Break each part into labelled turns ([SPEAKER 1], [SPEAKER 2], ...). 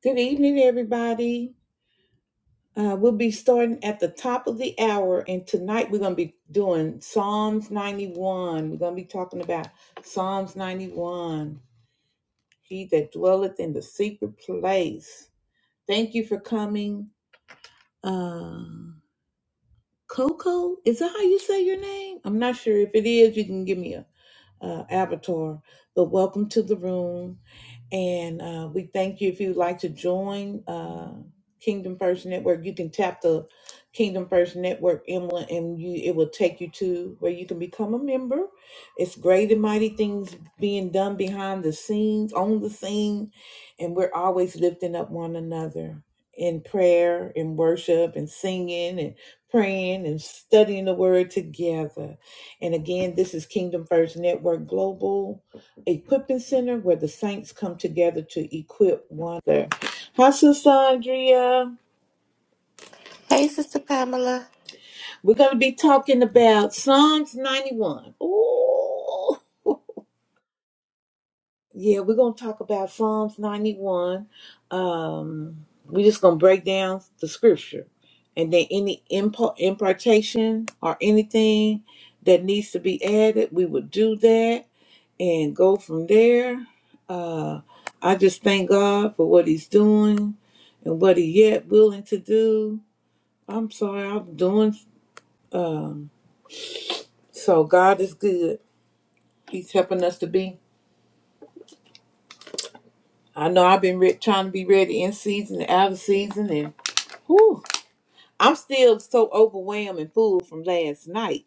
[SPEAKER 1] Good evening, everybody. Uh, we'll be starting at the top of the hour, and tonight we're going to be doing Psalms 91. We're going to be talking about Psalms 91. He that dwelleth in the secret place. Thank you for coming. Uh, Coco, is that how you say your name? I'm not sure. If it is, you can give me a uh, avatar. But welcome to the room. And uh, we thank you if you'd like to join uh, Kingdom First Network. You can tap the Kingdom First Network emblem, and you it will take you to where you can become a member. It's great and mighty things being done behind the scenes, on the scene, and we're always lifting up one another in prayer, in worship, and singing, and praying and studying the Word together. And again, this is Kingdom First Network Global equipping center where the saints come together to equip one another. Hi, Sister Andrea.
[SPEAKER 2] Hey, Sister Pamela.
[SPEAKER 1] We're going to be talking about Psalms 91. Oh, yeah, we're going to talk about Psalms 91. Um, we're just going to break down the scripture and then any impo- impartation or anything that needs to be added, we will do that. and go from there. Uh, I just thank God for what He's doing and what He yet willing to do. I'm sorry, I'm doing. Um, so God is good. He's helping us to be. I know I've been re- trying to be ready in season and out of season, and whew, I'm still so overwhelmed and full from last night.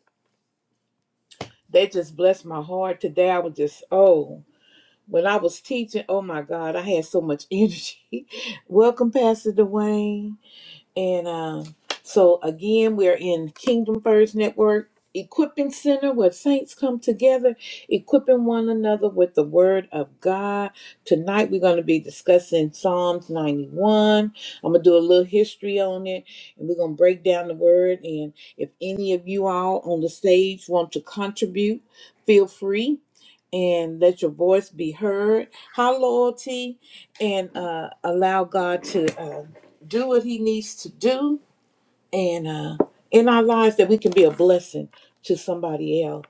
[SPEAKER 1] That just blessed my heart today. I was just oh, when I was teaching, oh my God, I had so much energy. Welcome, Pastor Dwayne. And um, so again, we're in Kingdom First Network Equipping Center where saints come together, equipping one another with the Word of God. Tonight, we're going to be discussing Psalms 91. I'm going to do a little history on it and we're going to break down the Word. And if any of you all on the stage want to contribute, feel free. And let your voice be heard. High loyalty, and uh, allow God to Uh, do what he needs to do and uh in our lives that we can be a blessing to somebody else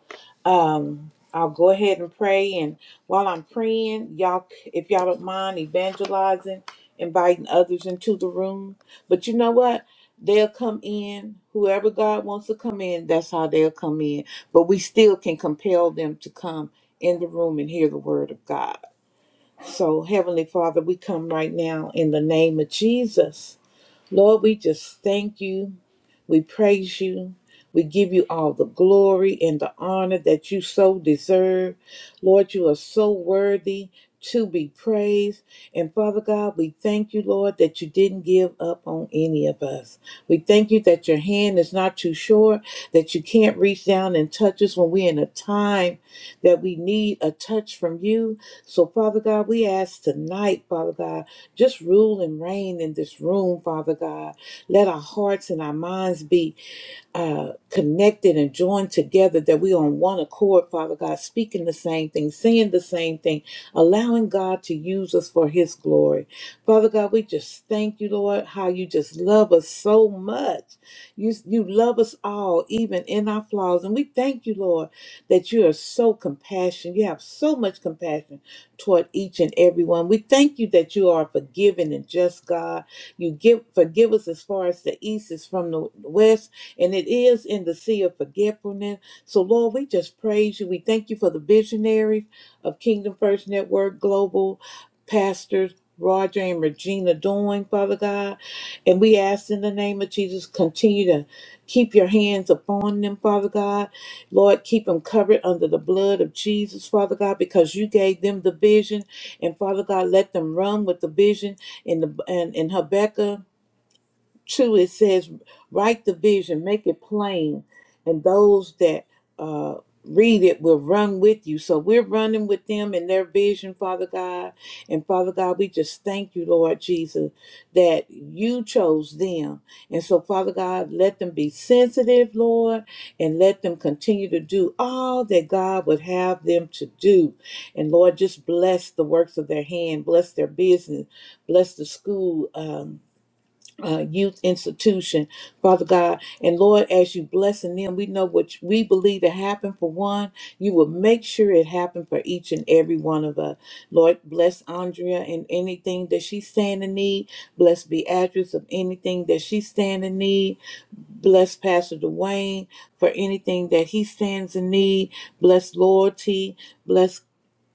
[SPEAKER 1] um i'll go ahead and pray and while i'm praying y'all c- if y'all don't mind evangelizing inviting others into the room but you know what they'll come in whoever god wants to come in that's how they'll come in but we still can compel them to come in the room and hear the word of god so heavenly father we come right now in the name of jesus Lord, we just thank you. We praise you. We give you all the glory and the honor that you so deserve. Lord, you are so worthy to be praised. And Father God, we thank you, Lord, that you didn't give up on any of us. We thank you that your hand is not too short, that you can't reach down and touch us when we're in a time that we need a touch from you. So, Father God, we ask tonight, Father God. Just rule and reign in this room, Father God. Let our hearts and our minds be uh, connected and joined together, that we're on one accord, Father God, speaking the same thing, saying the same thing, allowing God to use us for His glory. Father God, we just thank you, Lord, how you just love us so much. You, you love us all, even in our flaws. And we thank you, Lord, that you are so compassionate. You have so much compassion toward each and every one. We thank you that you are a forgiving and just God. You give forgive us as far as the east is from the west and it is in the sea of forgetfulness. So, Lord, we just praise you. We thank you for the visionaries of Kingdom First Network Global, pastors Roger and Regina Doing, Father God. And we ask in the name of Jesus, continue to keep your hands upon them, Father God. Lord, keep them covered under the blood of Jesus, Father God, because you gave them the vision. And Father God, let them run with the vision in the and in Habakkuk two it says write the vision make it plain and those that uh read it will run with you so we're running with them in their vision father god and father god we just thank you lord jesus that you chose them and so father god let them be sensitive lord and let them continue to do all that god would have them to do and lord just bless the works of their hand bless their business bless the school um uh, youth institution, Father God. And Lord, as you blessing them, we know what we believe it happened for one. You will make sure it happened for each and every one of us. Lord, bless Andrea in anything that she stand in need. Bless Beatrice of anything that she stand in need. Bless Pastor Dwayne for anything that he stands in need. Bless loyalty. Bless.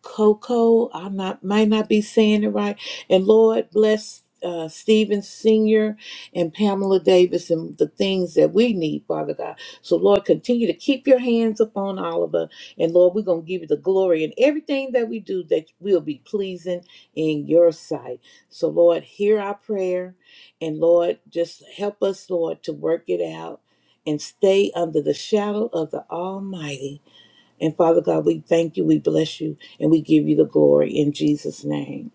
[SPEAKER 1] Coco. I not might not be saying it right. And Lord bless uh, Stephen Senior and Pamela Davis and the things that we need, Father God. So Lord, continue to keep your hands upon Oliver, and Lord, we're gonna give you the glory in everything that we do that will be pleasing in your sight. So Lord, hear our prayer, and Lord, just help us, Lord, to work it out and stay under the shadow of the Almighty. And Father God, we thank you, we bless you, and we give you the glory in Jesus' name.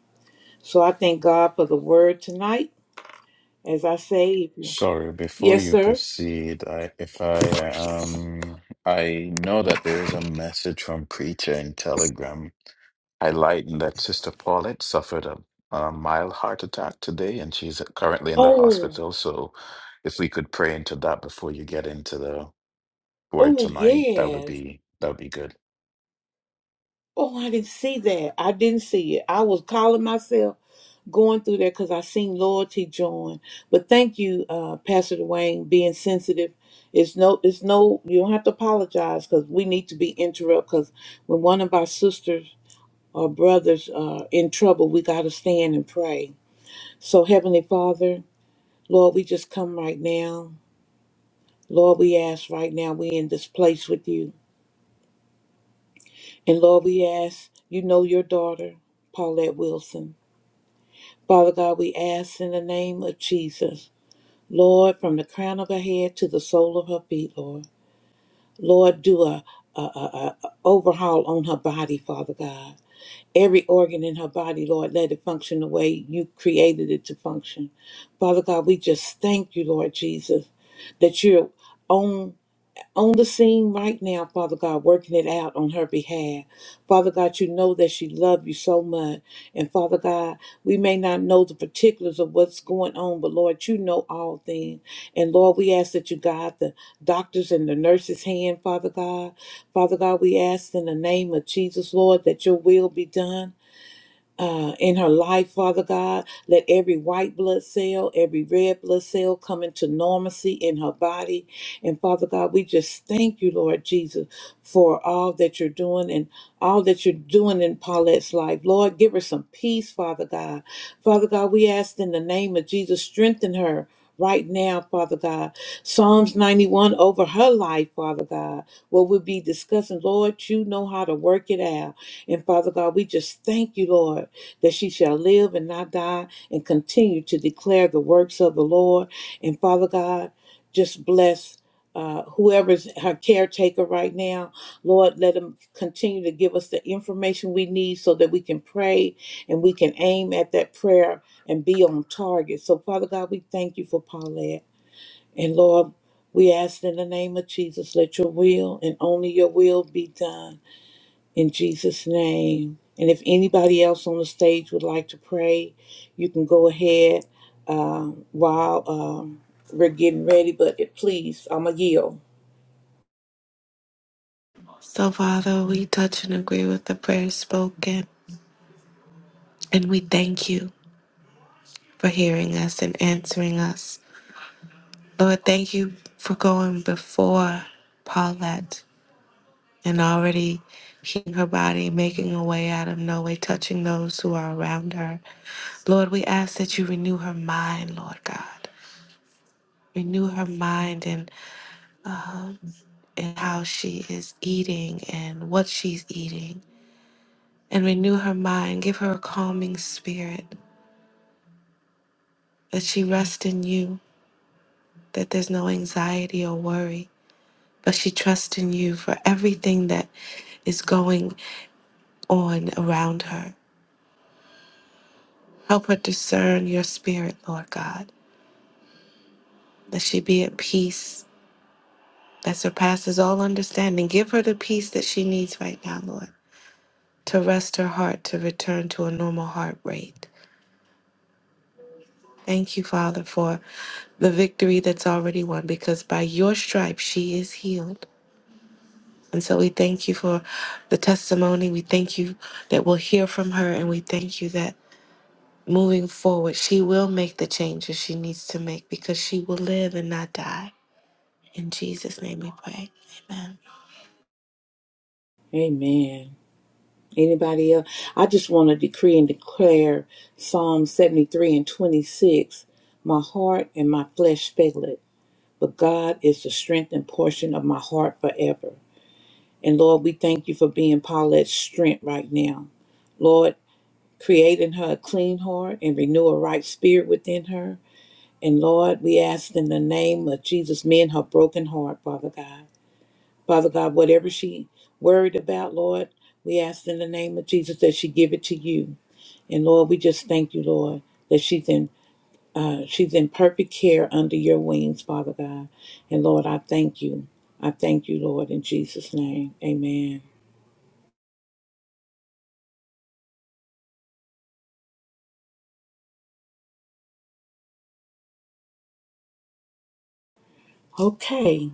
[SPEAKER 1] So I thank God for the word tonight. As I say,
[SPEAKER 3] Sorry, before
[SPEAKER 1] yes,
[SPEAKER 3] you
[SPEAKER 1] sir.
[SPEAKER 3] proceed, I if I um I know that there is a message from Preacher in Telegram highlighting that Sister Paulette suffered a, a mild heart attack today and she's currently in the
[SPEAKER 1] Oh,
[SPEAKER 3] hospital. So if we could pray into that before you get into the word
[SPEAKER 1] oh,
[SPEAKER 3] tonight, that would
[SPEAKER 1] yes.
[SPEAKER 3] be that would be good.
[SPEAKER 1] Oh, I didn't see that. I didn't see it. I was calling myself going through there because I seen loyalty join. But thank you, uh, Pastor Dwayne, being sensitive. It's no, it's no. You don't have to apologize because we need to be interrupted because when one of our sisters our brothers are in trouble, we got to stand and pray. So, Heavenly Father, Lord, we just come right now. Lord, we ask right now, we in this place with you. And Lord, we ask, you know your daughter, Paulette Wilson. Father God, we ask in the name of Jesus, Lord, from the crown of her head to the sole of her feet, Lord. Lord, do a, a, a a overhaul on her body, Father God. Every organ in her body, Lord, let it function the way you created it to function. Father God, we just thank you, Lord Jesus, that you're on on the scene right now, Father God, working it out on her behalf. Father God, you know that she loved you so much. And Father God, we may not know the particulars of what's going on, but Lord, you know all things. And Lord, we ask that you guide the doctors and the nurses' hand, Father God. Father God, we ask in the name of Jesus, Lord, that your will be done uh, in her life, Father God. Let every white blood cell, every red blood cell come into normalcy in her body. And Father God, we just thank you, Lord Jesus, for all that you're doing and all that you're doing in Paulette's life. Lord, give her some peace, Father God. Father God, we ask in the name of Jesus, strengthen her. Right now, Father God, Psalms 91 over her life, Father God, what we'll be discussing, Lord, you know how to work it out. And Father God, we just thank you, Lord, that she shall live and not die and continue to declare the works of the Lord. And Father God, just bless uh, whoever's her caretaker right now. Lord, let them continue to give us the information we need so that we can pray and we can aim at that prayer and be on target. So, Father God, we thank you for Paulette. And Lord, we ask in the name of Jesus, let your will and only your will be done in Jesus' name. And if anybody else on the stage would like to pray, you can go ahead um, while um, we're getting ready. But it, please, I'm a yield.
[SPEAKER 2] So, Father, we touch and agree with the prayers spoken, and we thank you for hearing us and answering us. Lord, thank you for going before Paulette and already healing her body, making a way out of no way, touching those who are around her. Lord, we ask that you renew her mind, Lord God. Renew her mind and, um, and how she is eating and what she's eating. and renew her mind. Give her a calming spirit that she rest in you, that there's no anxiety or worry, but she trusts in you for everything that is going on around her. Help her discern your spirit, Lord God, that she be at peace that surpasses all understanding. Give her the peace that she needs right now, Lord, to rest her heart, to return to a normal heart rate. Thank you, Father, for the victory that's already won because by your stripes she is healed. And so we thank you for the testimony. We thank you that we'll hear from her. And we thank you that moving forward, she will make the changes she needs to make because she will live and not die. In Jesus' name we pray. Amen.
[SPEAKER 1] Amen. Anybody else? I just want to decree and declare Psalm 73 and 26. My heart and my flesh fail it, but God is the strength and portion of my heart forever. And Lord, we thank you for being Paulette's strength right now. Lord, Create in her a clean heart and renew a right spirit within her. And Lord, we ask in the name of Jesus, mend her broken heart, Father God. Father God, whatever she worried about, Lord, we ask in the name of Jesus that she give it to you. And Lord, we just thank you, Lord, that she's in uh, she's in perfect care under your wings, Father God. And Lord, I thank you. I thank you, Lord, in Jesus' name. Amen. Okay.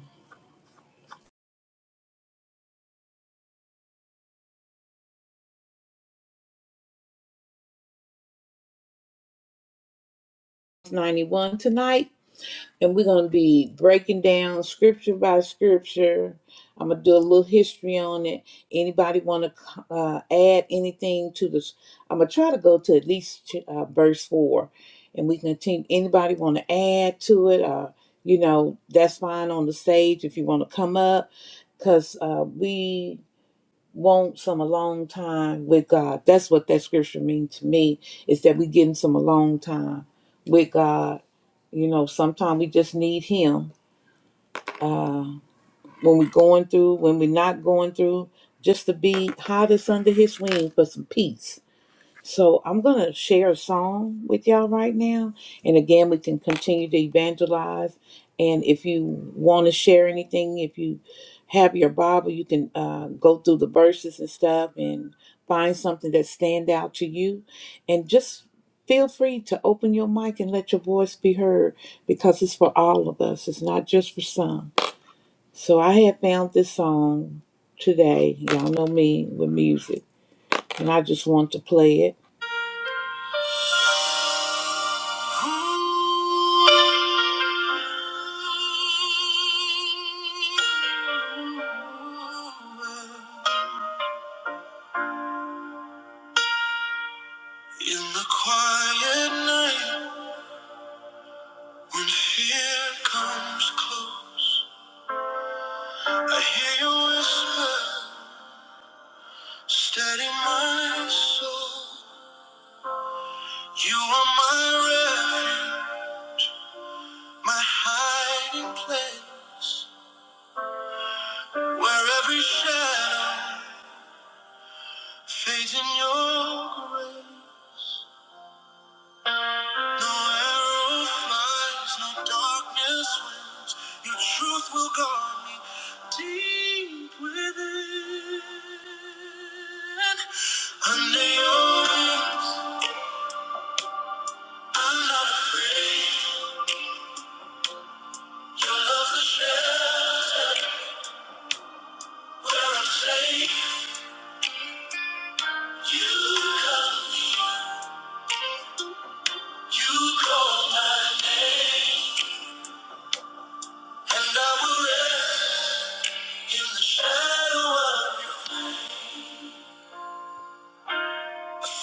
[SPEAKER 1] 91 tonight. and we're going to be breaking down scripture by scripture. I'm gonna do a little history on it. Anybody want to uh, add anything to this? I'm gonna try to go to at least uh, verse four, and we can continue. Anybody want to add to it? Uh, you know, that's fine on the stage if you want to come up, cause uh, we want some alone time with God. That's what that scripture means to me. Is that we getting some alone time with God you know, sometimes we just need Him when we're going through, when we're not going through, just to be hot as under His wing for some peace so I'm going to share a song with y'all right now. And again, we can continue to evangelize. And if you want to share anything, if you have your Bible, you can uh, go through the verses and stuff and find something that stand out to you. And just feel free to open your mic and let your voice be heard because it's for all of us. It's not just for some. So I have found this song today. Y'all know me with music. And I just want to play it. In the quiet night, when fear comes close, I hear you whisper, steady my soul. You are my refuge, my hiding place, where every shadow fades in your grace. No arrow flies, no darkness wins. Your truth will guard me deep within. Under your wings, I'm not afraid. Your love is shelter where I'm safe. You come, you call my name, and I will rest in the shadow of your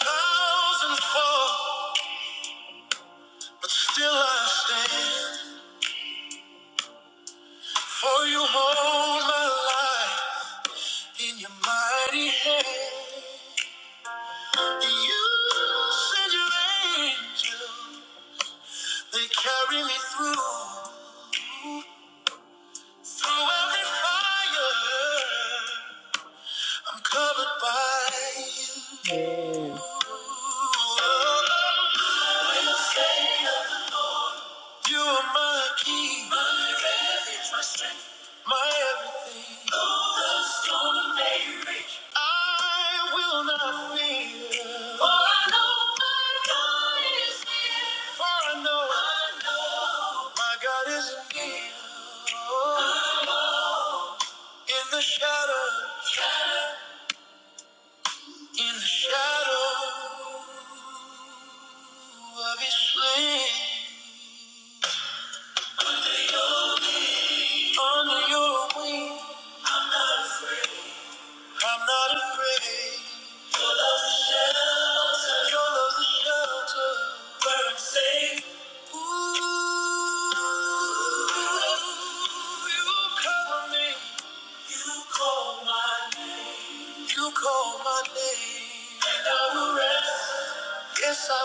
[SPEAKER 1] thousand fall. But still I stand, for you hold my life in your mighty hand. You send your angel, they carry me through, through every fire. I'm covered by you. You are my key, my everything. I will not fear. For I know my God is near. For I know my God is near. Oh, in the shadow, in the shadow of His wings, under Your wing, I'm not afraid. Yes, I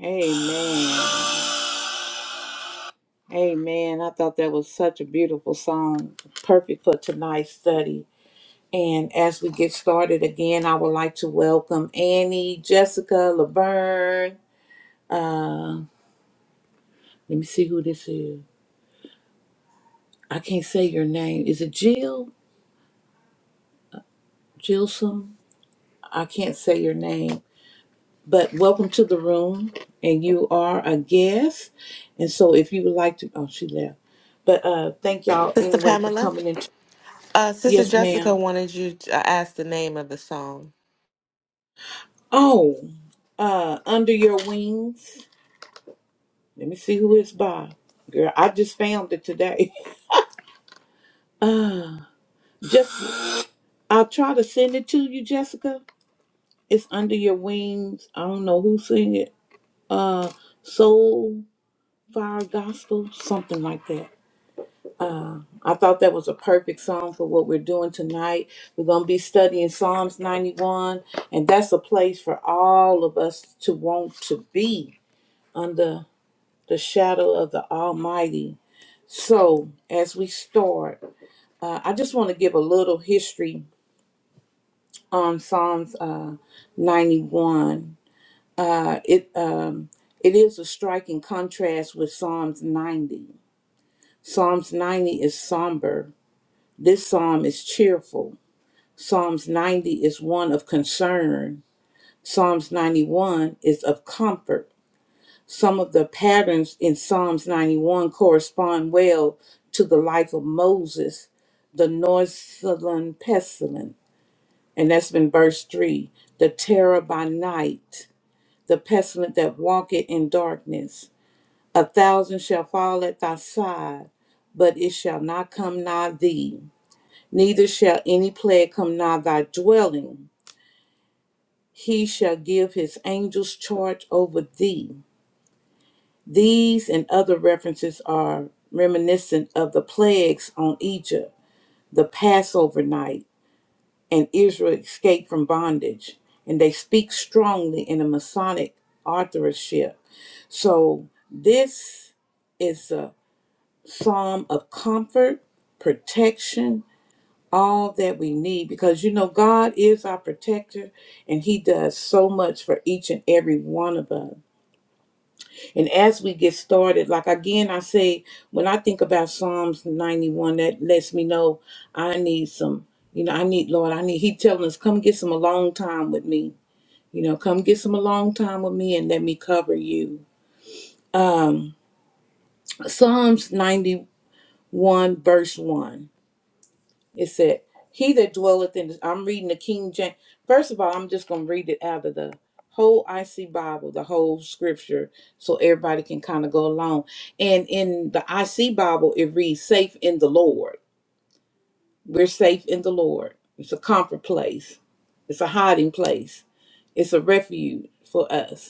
[SPEAKER 1] Amen. Amen. I thought that was such a beautiful song, perfect for tonight's study. And as we get started again, I would like to welcome Annie, Jessica, Laverne. Uh, let me see who this is. I can't say your name. Is it Jill? Jilson? I can't say your name. But welcome to the room. And you are a guest. And so if you would like to, oh, she left. But uh, thank y'all
[SPEAKER 2] Sister
[SPEAKER 1] anyway for
[SPEAKER 2] Pamela,
[SPEAKER 1] coming in.
[SPEAKER 2] uh, Sister
[SPEAKER 1] Yes, ma'am.
[SPEAKER 2] Jessica wanted you to ask the name of the song.
[SPEAKER 1] Oh, uh, Under Your Wings. Let me see who it's by. Girl, I just found it today. just, I'll try to send it to you, Jessica. It's Under Your Wings. I don't know who sing it. Uh, Soul Fire Gospel, something like that. I thought that was a perfect song for what we're doing tonight. We're going to be studying Psalms 91, and that's a place for all of us to want to be under the shadow of the Almighty So, as we start, uh, I just want to give a little history on Psalms uh, 91. Uh, it um, it is a striking contrast with Psalms 90. Psalms 90 is somber. This psalm is cheerful. Psalms 90 is one of concern. Psalms 91 is of comfort. Some of the patterns in Psalms 91 correspond well to the life of Moses, the Northland pestilence, and that's been verse 3 the terror by night, the pestilence that walketh in darkness. A thousand shall fall at thy side, but it shall not come nigh thee, neither shall any plague come nigh thy dwelling. He shall give his angels charge over thee These and other references are reminiscent of the plagues on Egypt, the Passover night, and Israel escaped from bondage. And they speak strongly in a Masonic authorship. So this is a psalm of comfort, protection, all that we need because you know God is our protector and he does so much for each and every one of us. And as we get started, like again, I say, when I think about Psalms 91, that lets me know I need some, you know, I need, Lord, I need, He telling us, come get some alone time with me. You know, come get some alone time with me and let me cover you. Um, Psalms 91, verse 1. It said, He that dwelleth in, I'm reading the King James. First of all, I'm just going to read it out of the whole IC Bible, the whole scripture, so everybody can kind of go along. And in the IC Bible, it reads, Safe in the Lord. We're safe in the Lord. It's a comfort place, it's a hiding place, it's a refuge for us.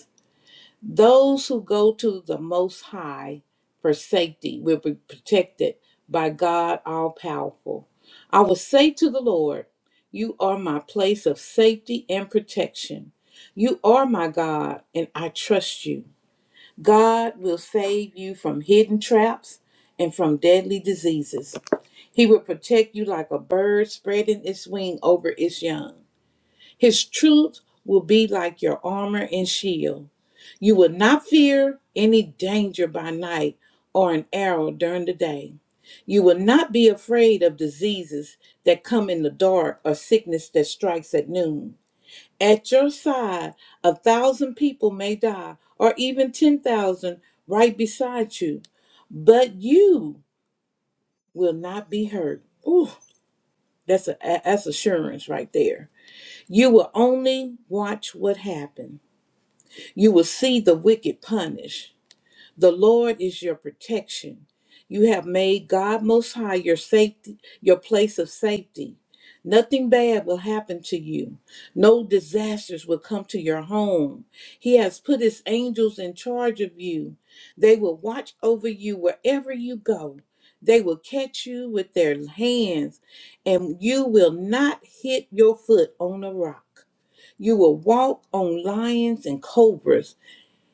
[SPEAKER 1] Those who go to the Most High for safety will be protected by God all powerful. I will say to the Lord, You are my place of safety and protection. You are my God, and I trust you. God will save you from hidden traps and from deadly diseases. He will protect you like a bird spreading its wing over its young. His truth will be like your armor and shield. You will not fear any danger by night or an arrow during the day. You will not be afraid of diseases that come in the dark or sickness that strikes at noon. At your side, a thousand people may die, or even 10,000 right beside you, but you will not be hurt. Ooh, that's, a, that's assurance right there. You will only watch what happened. You will see the wicked punished. The Lord is your protection. You have made God Most High your safety, your place of safety. Nothing bad will happen to you. No disasters will come to your home. He has put his angels in charge of you. They will watch over you wherever you go. They will catch you with their hands, and you will not hit your foot on a rock. You will walk on lions and cobras.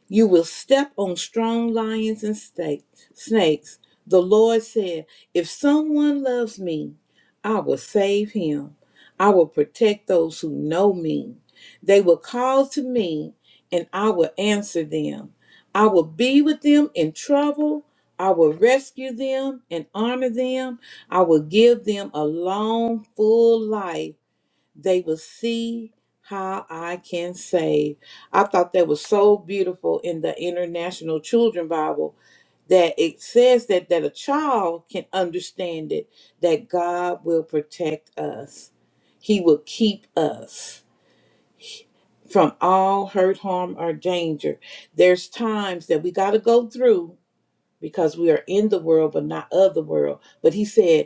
[SPEAKER 1] You will step on strong lions and snake- snakes. The Lord said, If someone loves me, I will save him. I will protect those who know me. They will call to me, and I will answer them. I will be with them in trouble. I will rescue them and honor them. I will give them a long, full life they will see how I can save. I thought that was so beautiful in the International Children's Bible that it says that that a child can understand it that God will protect us. He will keep us from all hurt, harm or danger. There's times that we got to go through because we are in the world but not of the world. But he said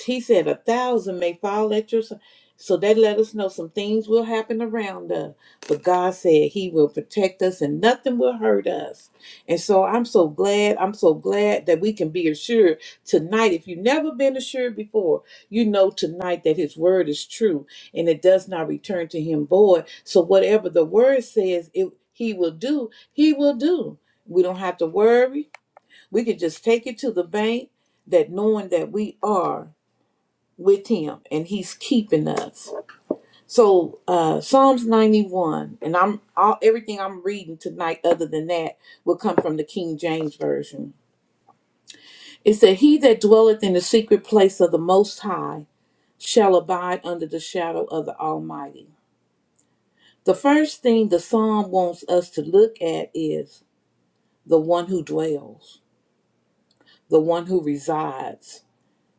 [SPEAKER 1] he said a thousand may fall at your side. So that let us know some things will happen around us. But God said He will protect us and nothing will hurt us. And so I'm so glad, I'm so glad that we can be assured tonight. If you've never been assured before, you know tonight that His word is true and it does not return to Him void. So whatever the word says, it, He will do, He will do. We don't have to worry. We can just take it to the bank that knowing that we are with him and he's keeping us so uh psalms 91 and i'm all everything i'm reading tonight other than that will come from the king james version it said he that dwelleth in the secret place of the most high shall abide under the shadow of the almighty the first thing the psalm wants us to look at is the one who dwells the one who resides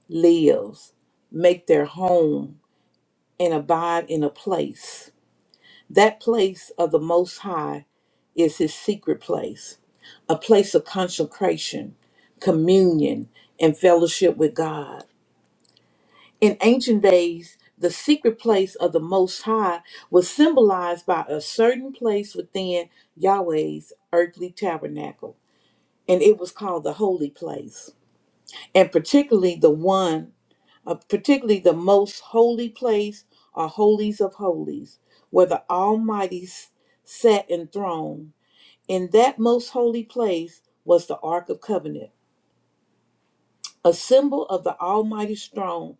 [SPEAKER 1] lives make their home and abide in a place That place of the Most High is his secret place, a place of consecration, communion, and fellowship with God. In ancient days, the secret place of the Most High was symbolized by a certain place within Yahweh's earthly tabernacle, and it was called the Holy Place and particularly the one, uh, particularly the most holy place or holies of holies, where the Almighty s- sat enthroned. In that most holy place was the Ark of Covenant, a symbol of the Almighty's throne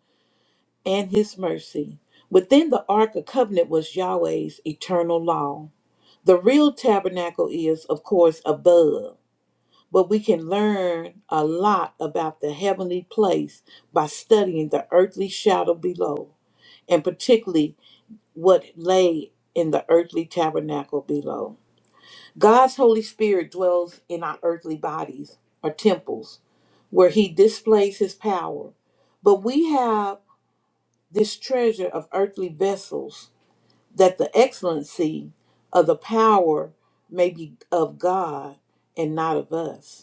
[SPEAKER 1] and His mercy. Within the Ark of Covenant was Yahweh's eternal law. The real tabernacle is, of course, above. but we can learn a lot about the heavenly place by studying the earthly shadow below, and particularly what lay in the earthly tabernacle below. God's Holy Spirit dwells in our earthly bodies or temples where he displays his power. But we have this treasure of earthly vessels that the excellency of the power may be of God and not of us.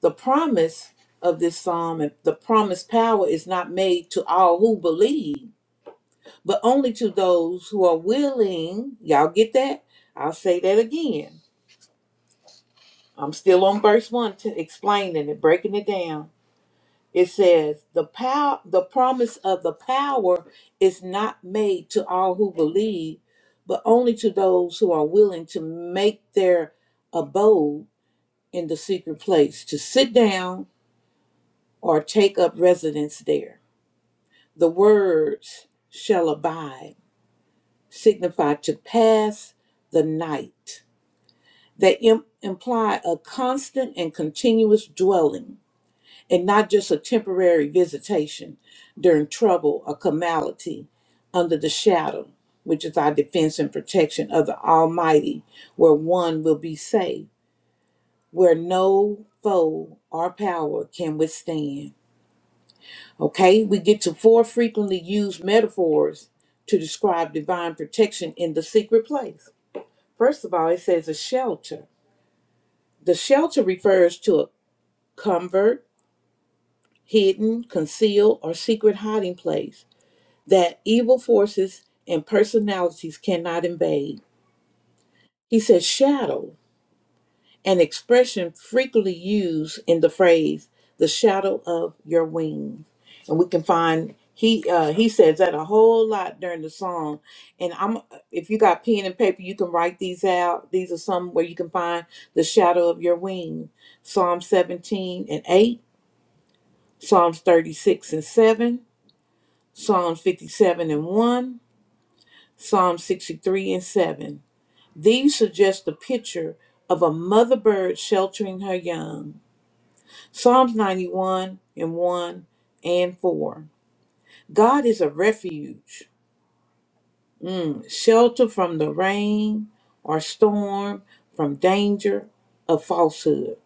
[SPEAKER 1] The promise of this psalm and the promised power is not made to all who believe, but only to those who are willing. Y'all get that? I'll say that again. I'm still on verse one to explaining it, breaking it down. It says the power the promise of the power is not made to all who believe, but only to those who are willing to make their abode in the secret place, to sit down or take up residence there. The words shall abide signify to pass the night. They im- imply a constant and continuous dwelling and not just a temporary visitation during trouble or calamity under the shadow, which is our defense and protection of the Almighty, where one will be safe, where no foe or power can withstand. Okay, we get to four frequently used metaphors to describe divine protection in the secret place. First of all, it says a shelter. The shelter refers to a covert, hidden, concealed, or secret hiding place that evil forces and personalities cannot invade. He says shadow. an expression frequently used in the phrase "the shadow of your wings," and we can find he uh, he says that a whole lot during the song. And I'm if you got pen and paper, you can write these out. These are some where you can find the shadow of your wing. Psalm 17 and 8, Psalms 36 and 7, Psalms 57 and 1, Psalm 63 and 7. These suggest the picture of a mother bird sheltering her young Psalms 91 and 1 and 4. God is a refuge, shelter from the rain or storm, from danger of falsehood,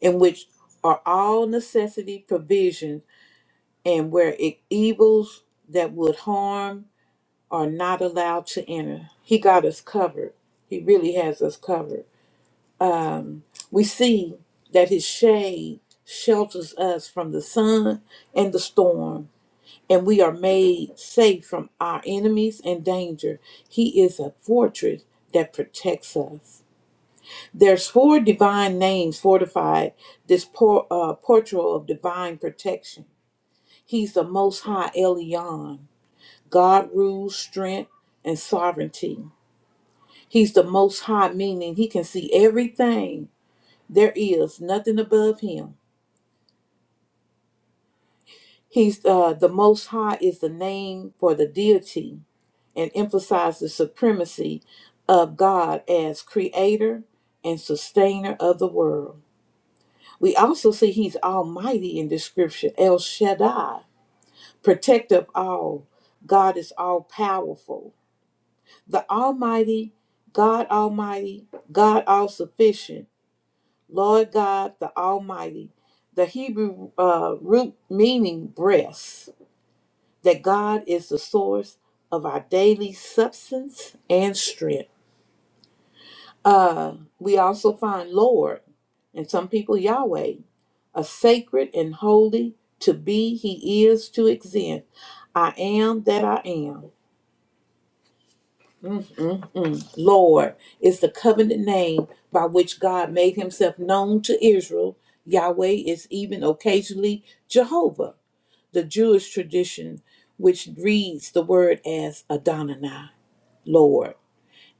[SPEAKER 1] in which are all necessity provisions and where it, evils that would harm are not allowed to enter. He got us covered. He really has us covered. We see that his shade shelters us from the sun and the storm and we are made safe from our enemies and danger. He is a fortress that protects us. There's four divine names fortified this por- uh, portrayal of divine protection. He's the Most High Elyon. God rules strength and sovereignty. He's the Most High, meaning he can see everything. There is nothing above him. He's uh, the Most High is the name for the deity and emphasizes the supremacy of God as creator and sustainer of the world. We also see he's almighty in description, El Shaddai, protector of all. God is all powerful. The Almighty, God Almighty, God all sufficient, Lord God the Almighty. The Hebrew uh, root meaning breast that God is the source of our daily substance and strength. Uh, we also find Lord, and some people Yahweh, a sacred and holy to be, He is to exist. I am that I am. Mm-mm. Lord is the covenant name by which God made himself known to Israel. Yahweh is even occasionally Jehovah, the Jewish tradition which reads the word as Adonai. Lord,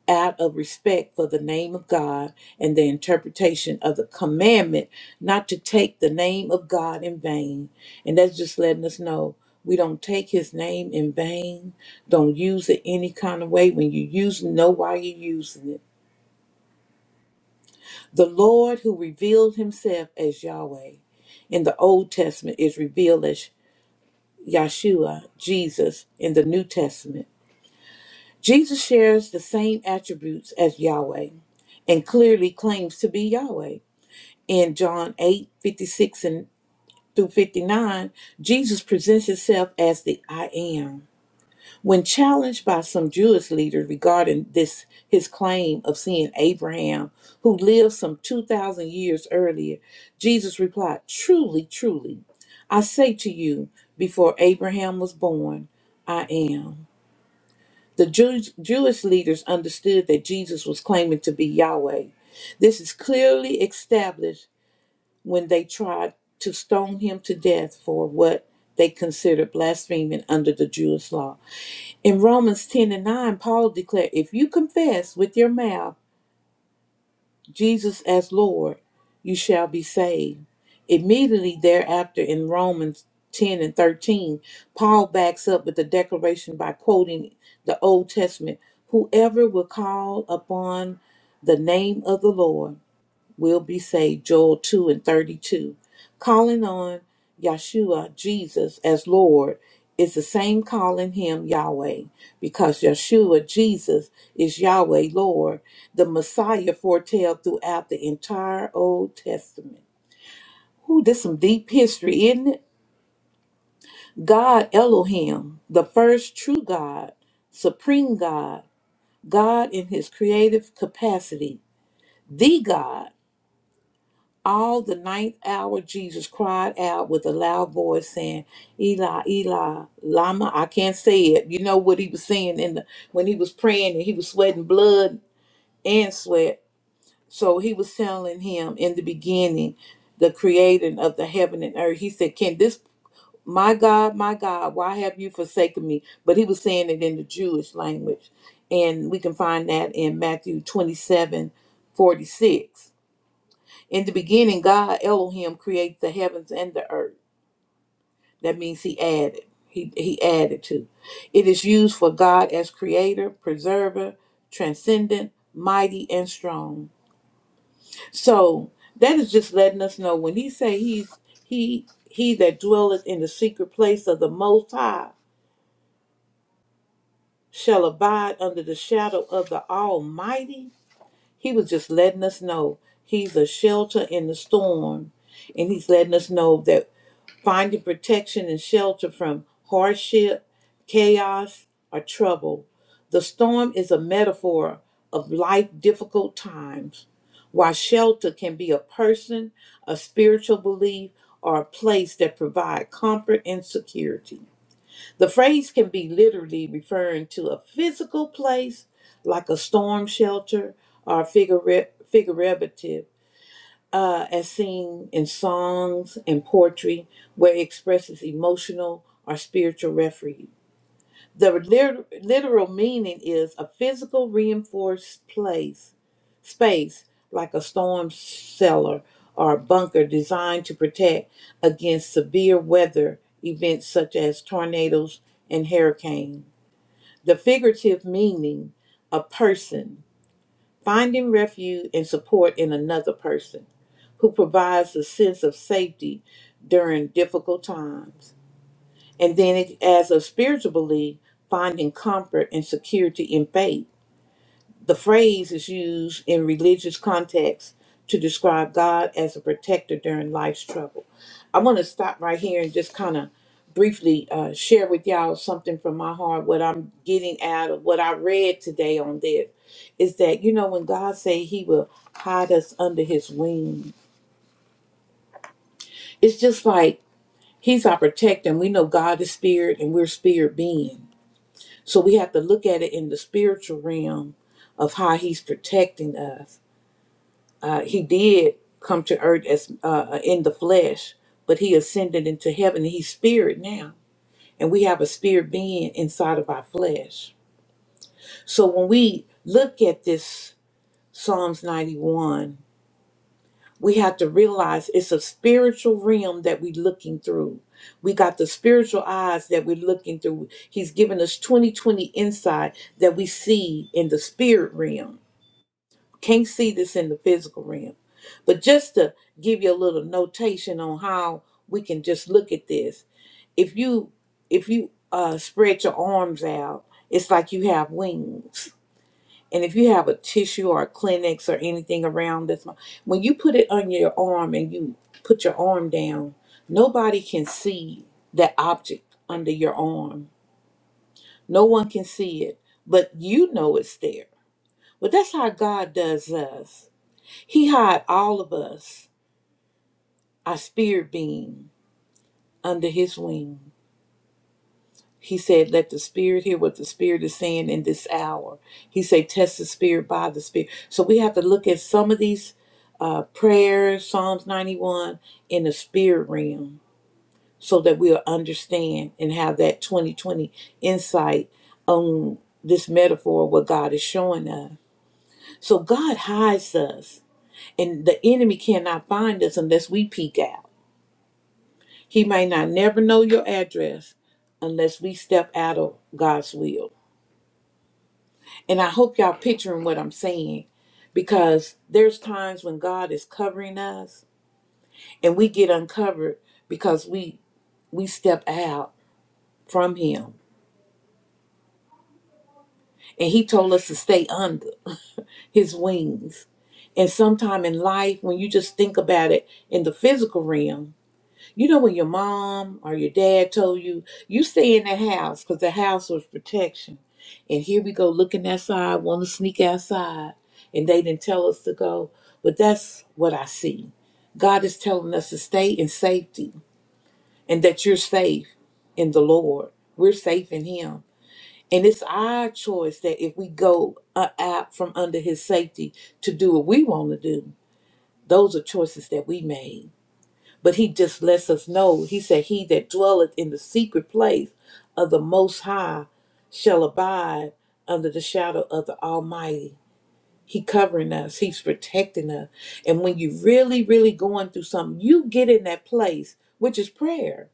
[SPEAKER 1] out of respect for the name of God and the interpretation of the commandment not to take the name of God in vain. And that's just letting us know we don't take his name in vain. Don't use it any kind of way. When you use it, know why you're using it. The Lord who revealed himself as Yahweh in the Old Testament is revealed as Yahshua, Jesus, in the New Testament. Jesus shares the same attributes as Yahweh and clearly claims to be Yahweh. In John 8 56 and through 59, Jesus presents himself as the I am. When challenged by some Jewish leaders regarding this his claim of seeing Abraham, who lived some 2,000 years earlier, Jesus replied, Truly, truly, I say to you, before Abraham was born, I am. The Jewish, Jewish leaders understood that Jesus was claiming to be Yahweh. This is clearly established when they tried to stone him to death for what they considered blaspheming under the Jewish law. In Romans 10 and 9, Paul declared, If you confess with your mouth Jesus as Lord, you shall be saved. Immediately thereafter, in Romans 10 and 13, Paul backs up with the declaration by quoting the Old Testament Whoever will call upon the name of the Lord will be saved. Joel 2 and 32. Calling on Yeshua, Jesus, as Lord is the same calling him Yahweh because Yeshua, Jesus, is Yahweh, Lord, the Messiah foretold throughout the entire Old Testament. Ooh, this some deep history, isn't it? God Elohim, the first true God, supreme God, God in his creative capacity, the God All the ninth hour, Jesus cried out with a loud voice, saying, "Eli, Eli, lama." I can't say it. You know what he was saying in the when he was praying and he was sweating blood and sweat. So he was telling him in the beginning, the creator of the heaven and earth. He said, "Can this my God, my God, why have you forsaken me?" But he was saying it in the Jewish language, and we can find that in Matthew twenty-seven, forty-six. In the beginning, God Elohim created the heavens and the earth. That means He added. He He added to. It is used for God as creator, preserver, transcendent, mighty, and strong. So that is just letting us know when He say He's He He that dwelleth in the secret place of the Most High shall abide under the shadow of the Almighty. He was just letting us know He's a shelter in the storm, and He's letting us know that. finding protection and shelter from hardship, chaos, or trouble. The storm is a metaphor of life difficult times, while shelter can be a person, a spiritual belief, or a place that provide comfort and security. The phrase can be literally referring to a physical place like a storm shelter or a figure, figurative uh, as seen in songs and poetry, where it expresses emotional or spiritual refuge. The lit- literal meaning is a physical reinforced place, space like a storm cellar or a bunker designed to protect against severe weather events such as tornadoes and hurricanes. The figurative meaning, a person, Finding refuge and support in another person who provides a sense of safety during difficult times. And then, it, as a spiritual belief, finding comfort and security in faith the phrase is used in religious contexts to describe God as a protector during life's trouble. I want to stop right here and just kind of briefly uh, share with y'all something from my heart. What I'm getting out of what I read today on this is that you know when God say He will hide us under His wing, it's just like He's our protector. And we know God is spirit, and we're spirit being, so we have to look at it in the spiritual realm of how He's protecting us Uh, he did come to earth as uh, uh, in the flesh, but he ascended into heaven. He's spirit now, and we have a spirit being inside of our flesh. So when we look at this Psalms 91, we have to realize it's a spiritual realm that we're looking through. We got the spiritual eyes that we're looking through. He's given us 2020 insight that we see in the spirit realm Can't see this in the physical realm. But just to give you a little notation on how we can just look at this. If you if you uh, spread your arms out, it's like you have wings. And if you have a tissue or a Kleenex or anything around this, when you put it on your arm and you put your arm down, nobody can see that object under your arm. No one can see it, but you know it's there. But that's how God does us he had all of us, our spirit being, under his wing. He said, Let the spirit hear what the spirit is saying in this hour. He said, Test the spirit by the spirit. So we have to look at some of these uh, prayers, Psalms 91, in the spirit realm so that we'll understand and have that 2020 insight on this metaphor, what God is showing us. So God hides us, and the enemy cannot find us unless we peek out. He may not never know your address unless we step out of God's will. And I hope y'all picturing what I'm saying because there's times when God is covering us and we get uncovered because we we step out from him. And he told us to stay under his wings. And sometime in life when you just think about it in the physical realm, You know when your mom or your dad told you, you stay in the house because the house was protection. And here we go looking outside, want to sneak outside, and they didn't tell us to go. But that's what I see. God is telling us to stay in safety and that you're safe in the Lord. We're safe in Him. And it's our choice that if we go uh, out from under His safety to do what we want to do, those are choices that we made. But he just lets us know. He said, He that dwelleth in the secret place of the Most High shall abide under the shadow of the Almighty. He covering us, He's protecting us. And when you really, really going through something, you get in that place, which is prayer.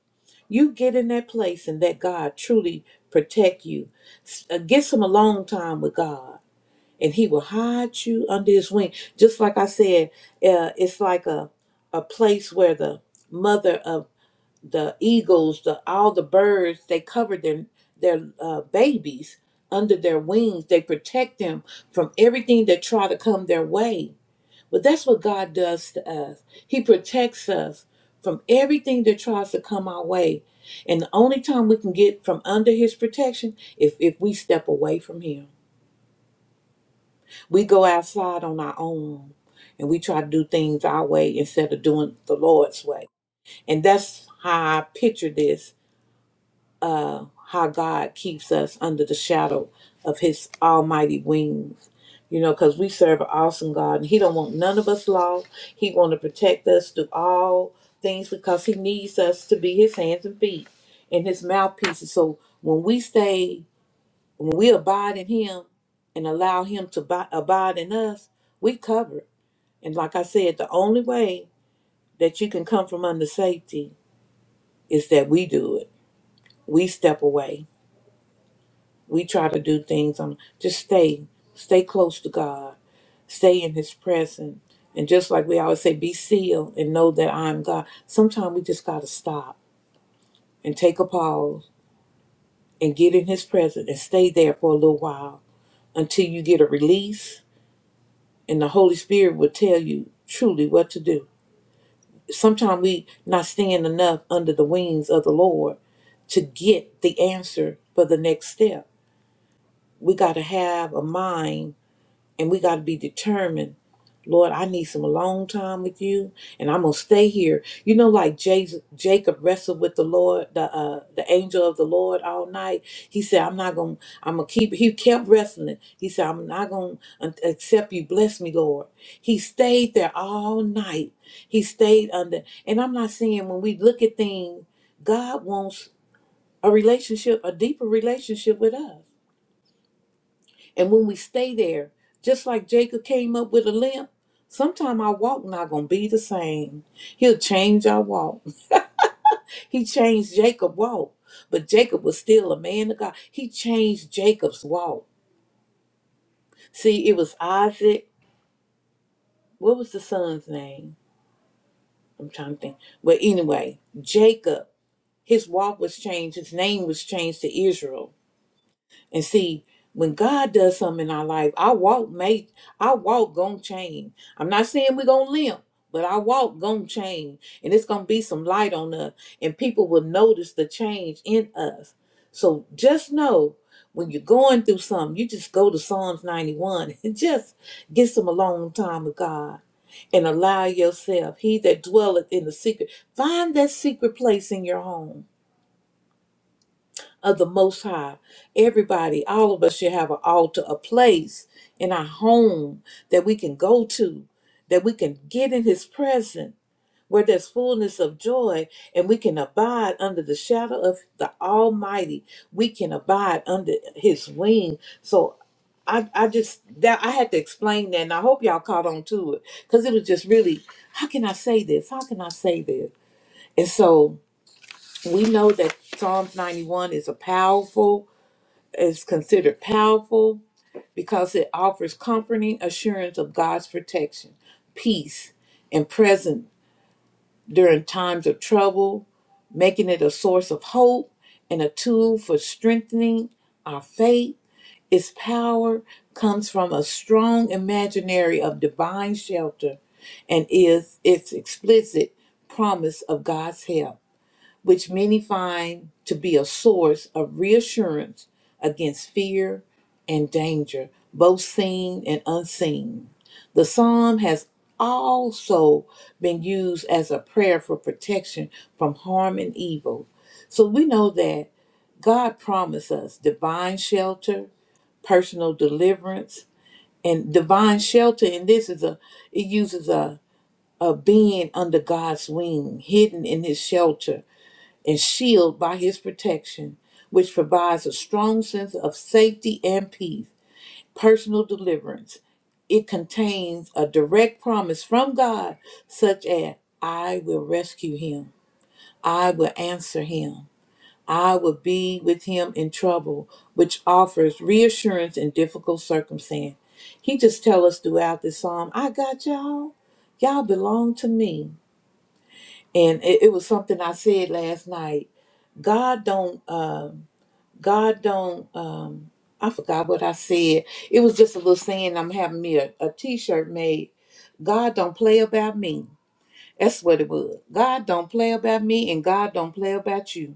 [SPEAKER 1] You get in that place and let God truly protect you. S- uh, Get some alone time with God and he will hide you under his wing just like i said uh, it's like a, a place where the mother of the eagles the all the birds they cover their their uh, babies under their wings they protect them from everything that try to come their way but that's what god does to us he protects us from everything that tries to come our way and the only time we can get from under his protection is if we step away from him we go outside on our own and we try to do things our way instead of doing the Lord's way. And that's how I picture this uh, how God keeps us under the shadow of his almighty wings. You know, because we serve an awesome God and he don't want none of us lost. He want to protect us through all things because he needs us to be his hands and feet and his mouthpieces. So when we stay, when we abide in him and allow him to bi- abide in us, we covered and like I said, the only way that you can come from under safety is that we do it. We step away. We try to do things on just stay, stay close to God, stay in His presence. And just like we always say, be sealed and know that I'm God. Sometimes we just got to stop and take a pause and get in His presence and stay there for a little while until you get a release and the Holy Spirit will tell you truly what to do. sometimes we not staying enough under the wings of the Lord to get the answer for the next step. We got to have a mind and we got to be determined Lord, I need some alone time with you, and I'm gonna stay here. You know, like Jas- Jacob wrestled with the Lord, the uh, the angel of the Lord all night. He said, "I'm not gonna. I'm gonna keep." He kept wrestling. He said, "I'm not gonna un- accept you. Bless me, Lord." He stayed there all night. He stayed under. And I'm not saying when we look at things, God wants a relationship, a deeper relationship with us. And when we stay there, just like Jacob came up with a limp, sometime our walk not gonna be the same. He'll change our walk. He changed Jacob's walk, but Jacob was still a man of God. He changed Jacob's walk. See, it was Isaac. What was the son's name? I'm trying to think. But anyway, Jacob, his walk was changed. His name was changed to Israel And see, when God does something in our life, our walk may our walk gonna change. I'm not saying we're gonna limp, but our walk gonna change. And it's gonna be some light on us. And people will notice the change in us. So just know when you're going through something, you just go to Psalms 91 and just get some alone time with God and allow yourself, he that dwelleth in the secret, find that secret place in your home of the Most High. Everybody, all of us should have an altar, a place in our home that we can go to, that we can get in His presence, where there's fullness of joy, and we can abide under the shadow of the Almighty. We can abide under His wing. So I, I just that I had to explain that, and I hope y'all caught on to it because it was just really, how can I say this? How can I say this? And so we know that Psalms 91 is a powerful is considered powerful because it offers comforting assurance of God's protection, peace, and presence during times of trouble, making it a source of hope and a tool for strengthening our faith. Its power comes from a strong imaginary of divine shelter and is its explicit promise of God's help which many find to be a source of reassurance against fear and danger, both seen and unseen. The psalm has also been used as a prayer for protection from harm and evil. So we know that God promised us divine shelter, personal deliverance, and divine shelter. And this is a it uses a a being under God's wing, hidden in His shelter and shield by his protection, which provides a strong sense of safety and peace, personal deliverance. It contains a direct promise from God, such as, I will rescue him, I will answer him, I will be with him in trouble, which offers reassurance in difficult circumstance. He just tell us throughout this psalm, I got y'all. Y'all belong to me and it, it was something I said last night. God don't, um, God don't. Um, I forgot what I said. It was just a little saying. I'm having me a, a T-shirt made. God don't play about me. That's what it was. God don't play about me, and God don't play about you.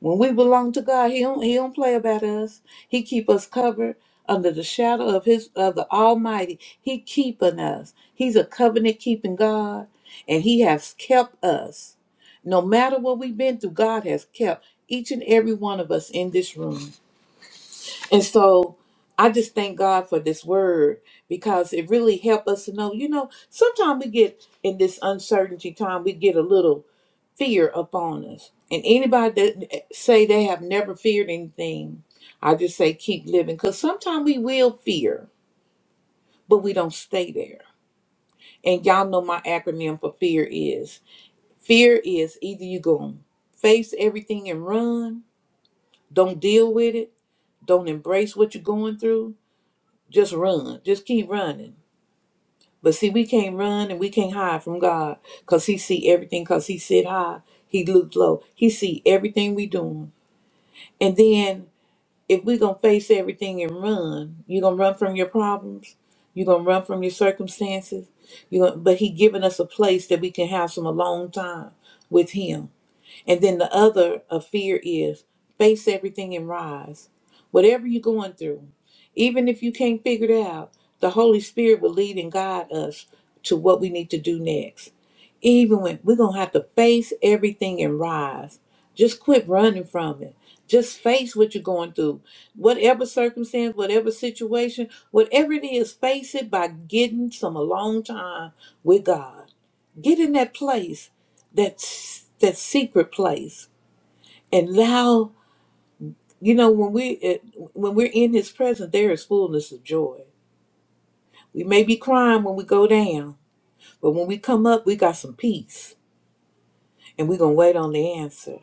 [SPEAKER 1] When we belong to God, He don't, he don't play about us. He keep us covered under the shadow of His of the Almighty. He keeping us. He's a covenant keeping God, and He has kept us. No matter what we've been through, God has kept each and every one of us in this room. And so I just thank God for this word because it really helped us to know, you know, sometimes we get in this uncertainty time, we get a little fear upon us. And anybody that eh, say they have never feared anything, I just say keep living. Because sometimes we will fear, but we don't stay there. And y'all know my acronym for fear is fear is either you go face everything and run, don't deal with it, don't embrace what you're going through, just run, just keep running. But see, we can't run and we can't hide from God because He see everything because He sit high, He looked low, He see everything we doing. And then if we're gonna face everything and run, you're gonna run from your problems, you're gonna run from your circumstances, you gonna, but he given us a place that we can have some alone time with him. And then the other of fear is face everything and rise. Whatever you're going through, even if you can't figure it out, the Holy Spirit will lead and guide us to what we need to do next even when we're going to have to face everything and rise. Just quit running from it. Just face what you're going through. Whatever circumstance, whatever situation, whatever it is, face it by getting some alone time with God. Get in that place, that, that secret place, and allow, you know, when, we, it- when we're in His presence, there is fullness of joy. We may be crying when we go down, but when we come up, we got some peace and we're going to wait on the answer.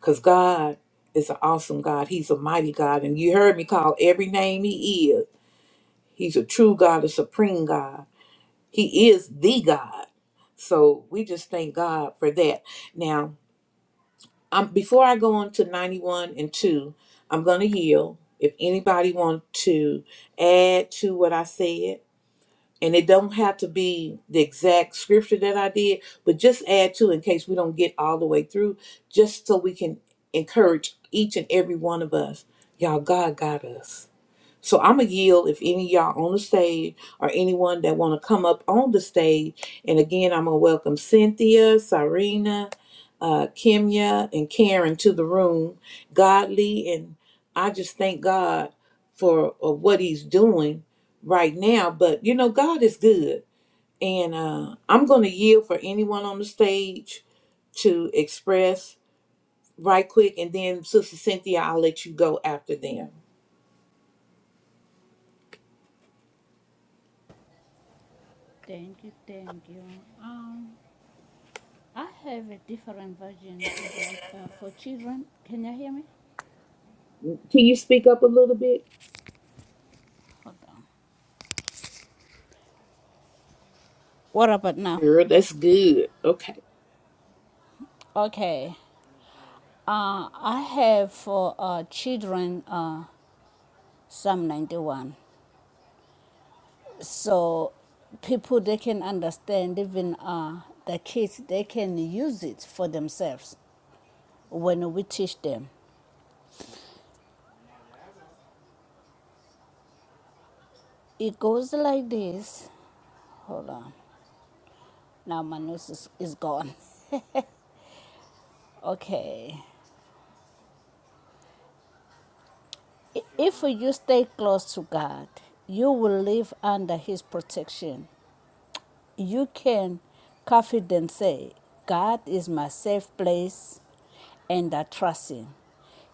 [SPEAKER 1] Because God is an awesome God. He's a mighty God. And you heard me call every name He is. He's a true God, a supreme God. He is the God. So we just thank God for that. Now, um, before I go on to 91 and 2, I'm going to yield. If anybody want to add to what I said, and it don't have to be the exact scripture that I did, but just add to in case we don't get all the way through, just so we can encourage each and every one of us. Y'all, God got us. So I'm gonna yield if any of y'all on the stage or anyone that wanna come up on the stage. And again, I'm gonna welcome Cynthia, Sarena, uh, Kimya, and Karen to the room. Godly, and I just thank God for uh, what He's doing right now. But you know, God is good, and uh, I'm gonna yield for anyone on the stage to express right quick, and then Sister Cynthia, I'll let you go after them.
[SPEAKER 4] Thank you, thank you. Um, I have a different version. It's like uh, for children. Can you hear me?
[SPEAKER 1] Can you speak up a little bit?
[SPEAKER 4] What about now?
[SPEAKER 1] Girl, that's good. Okay.
[SPEAKER 4] Okay. Uh, I have for uh, children uh, Psalm 91. So people they can understand even uh, the kids they can use it for themselves when we teach them it goes like this hold on now my nose is, is gone okay If you stay close to God, you will live under His protection. You can confidently say, God is my safe place and I trust Him.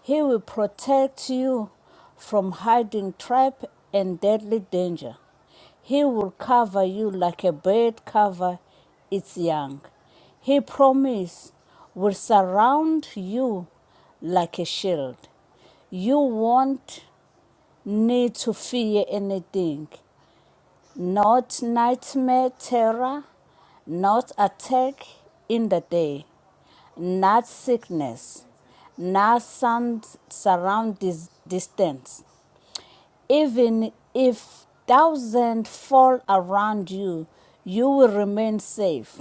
[SPEAKER 4] He will protect you from hiding trap and deadly danger. He will cover you like a bird cover its young. He promise will surround you like a shield. You won't need to fear anything. Not nightmare terror, not attack in the day, not sickness, not sound surround dis- distance. Even if thousand fall around you, you will remain safe.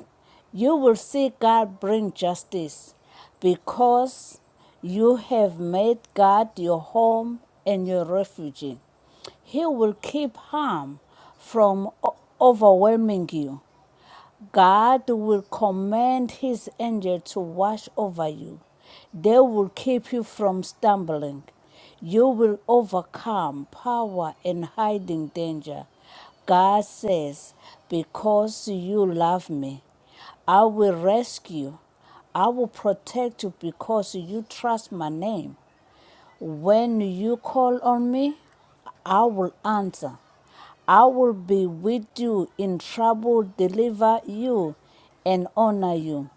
[SPEAKER 4] You will see God bring justice because you have made God your home and your refuge. He will keep harm from overwhelming you. God will command his angel to watch over you. They will keep you from stumbling. You will overcome power and hiding danger. God says, Because you love me, I will rescue. I will protect you because you trust my name. When you call on me, I will answer. I will be with you in trouble, deliver you and honor you.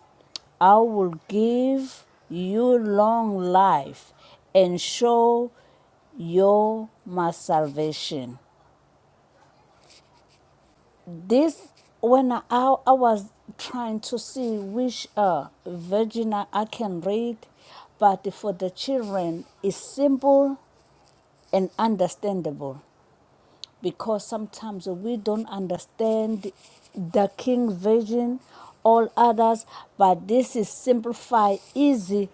[SPEAKER 4] I will give you long life and show you my salvation. This when I, I was trying to see which uh, version I I can read, but for the children it's simple and understandable. because sometimes we don't understand the King Version, all others, but this is simplified, easy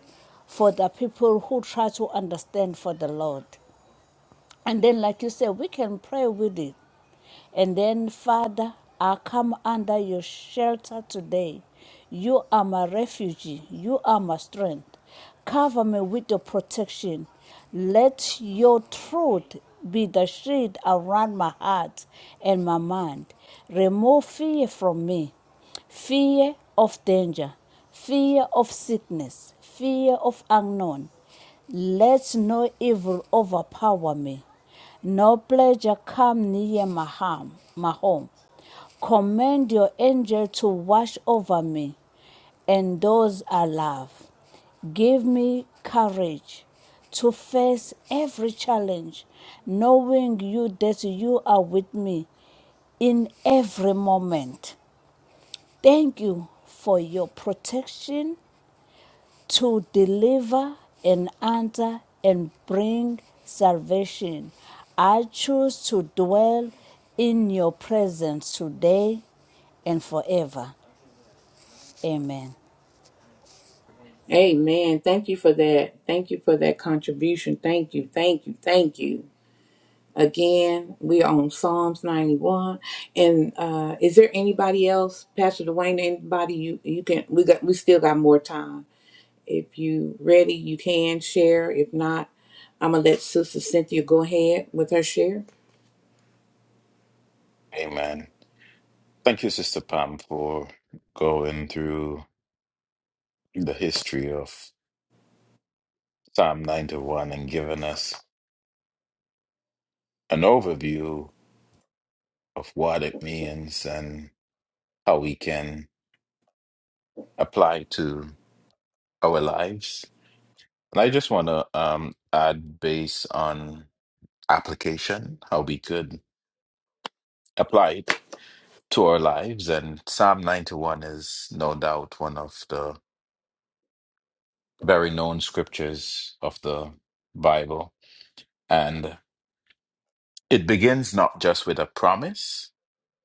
[SPEAKER 4] for the people who try to understand for the Lord. And then, like you said, we can pray with it. And then, Father, I come under your shelter today. You are my refuge. You are my strength. Cover me with your protection. Let your truth be the shade around my heart and my mind. Remove fear from me fear of danger, fear of sickness, fear of unknown. Let no evil overpower me. No pleasure come near my harm, my home. Command your angel to watch over me and those I love. Give me courage to face every challenge, knowing you that you are with me in every moment. Thank you for your protection to deliver and answer and bring salvation. I choose to dwell in your presence today and forever. Amen.
[SPEAKER 1] Amen. Thank you for that. Thank you for that contribution. Thank you. Thank you. Thank you. Again, we are on Psalms 91. And uh is there anybody else, Pastor Dwayne, anybody you you can we got we still got more time. If you ready, you can share. If not, I'm gonna let Sister Cynthia go ahead with her share.
[SPEAKER 3] Amen. Thank you, Sister Pam, for going through the history of Psalm 91 and giving us an overview of what it means and how we can apply it to our lives. And I just want to um, add based on application, how we could apply it to our lives. And Psalm 91 is no doubt one of the very known scriptures of the Bible. And it begins not just with a promise,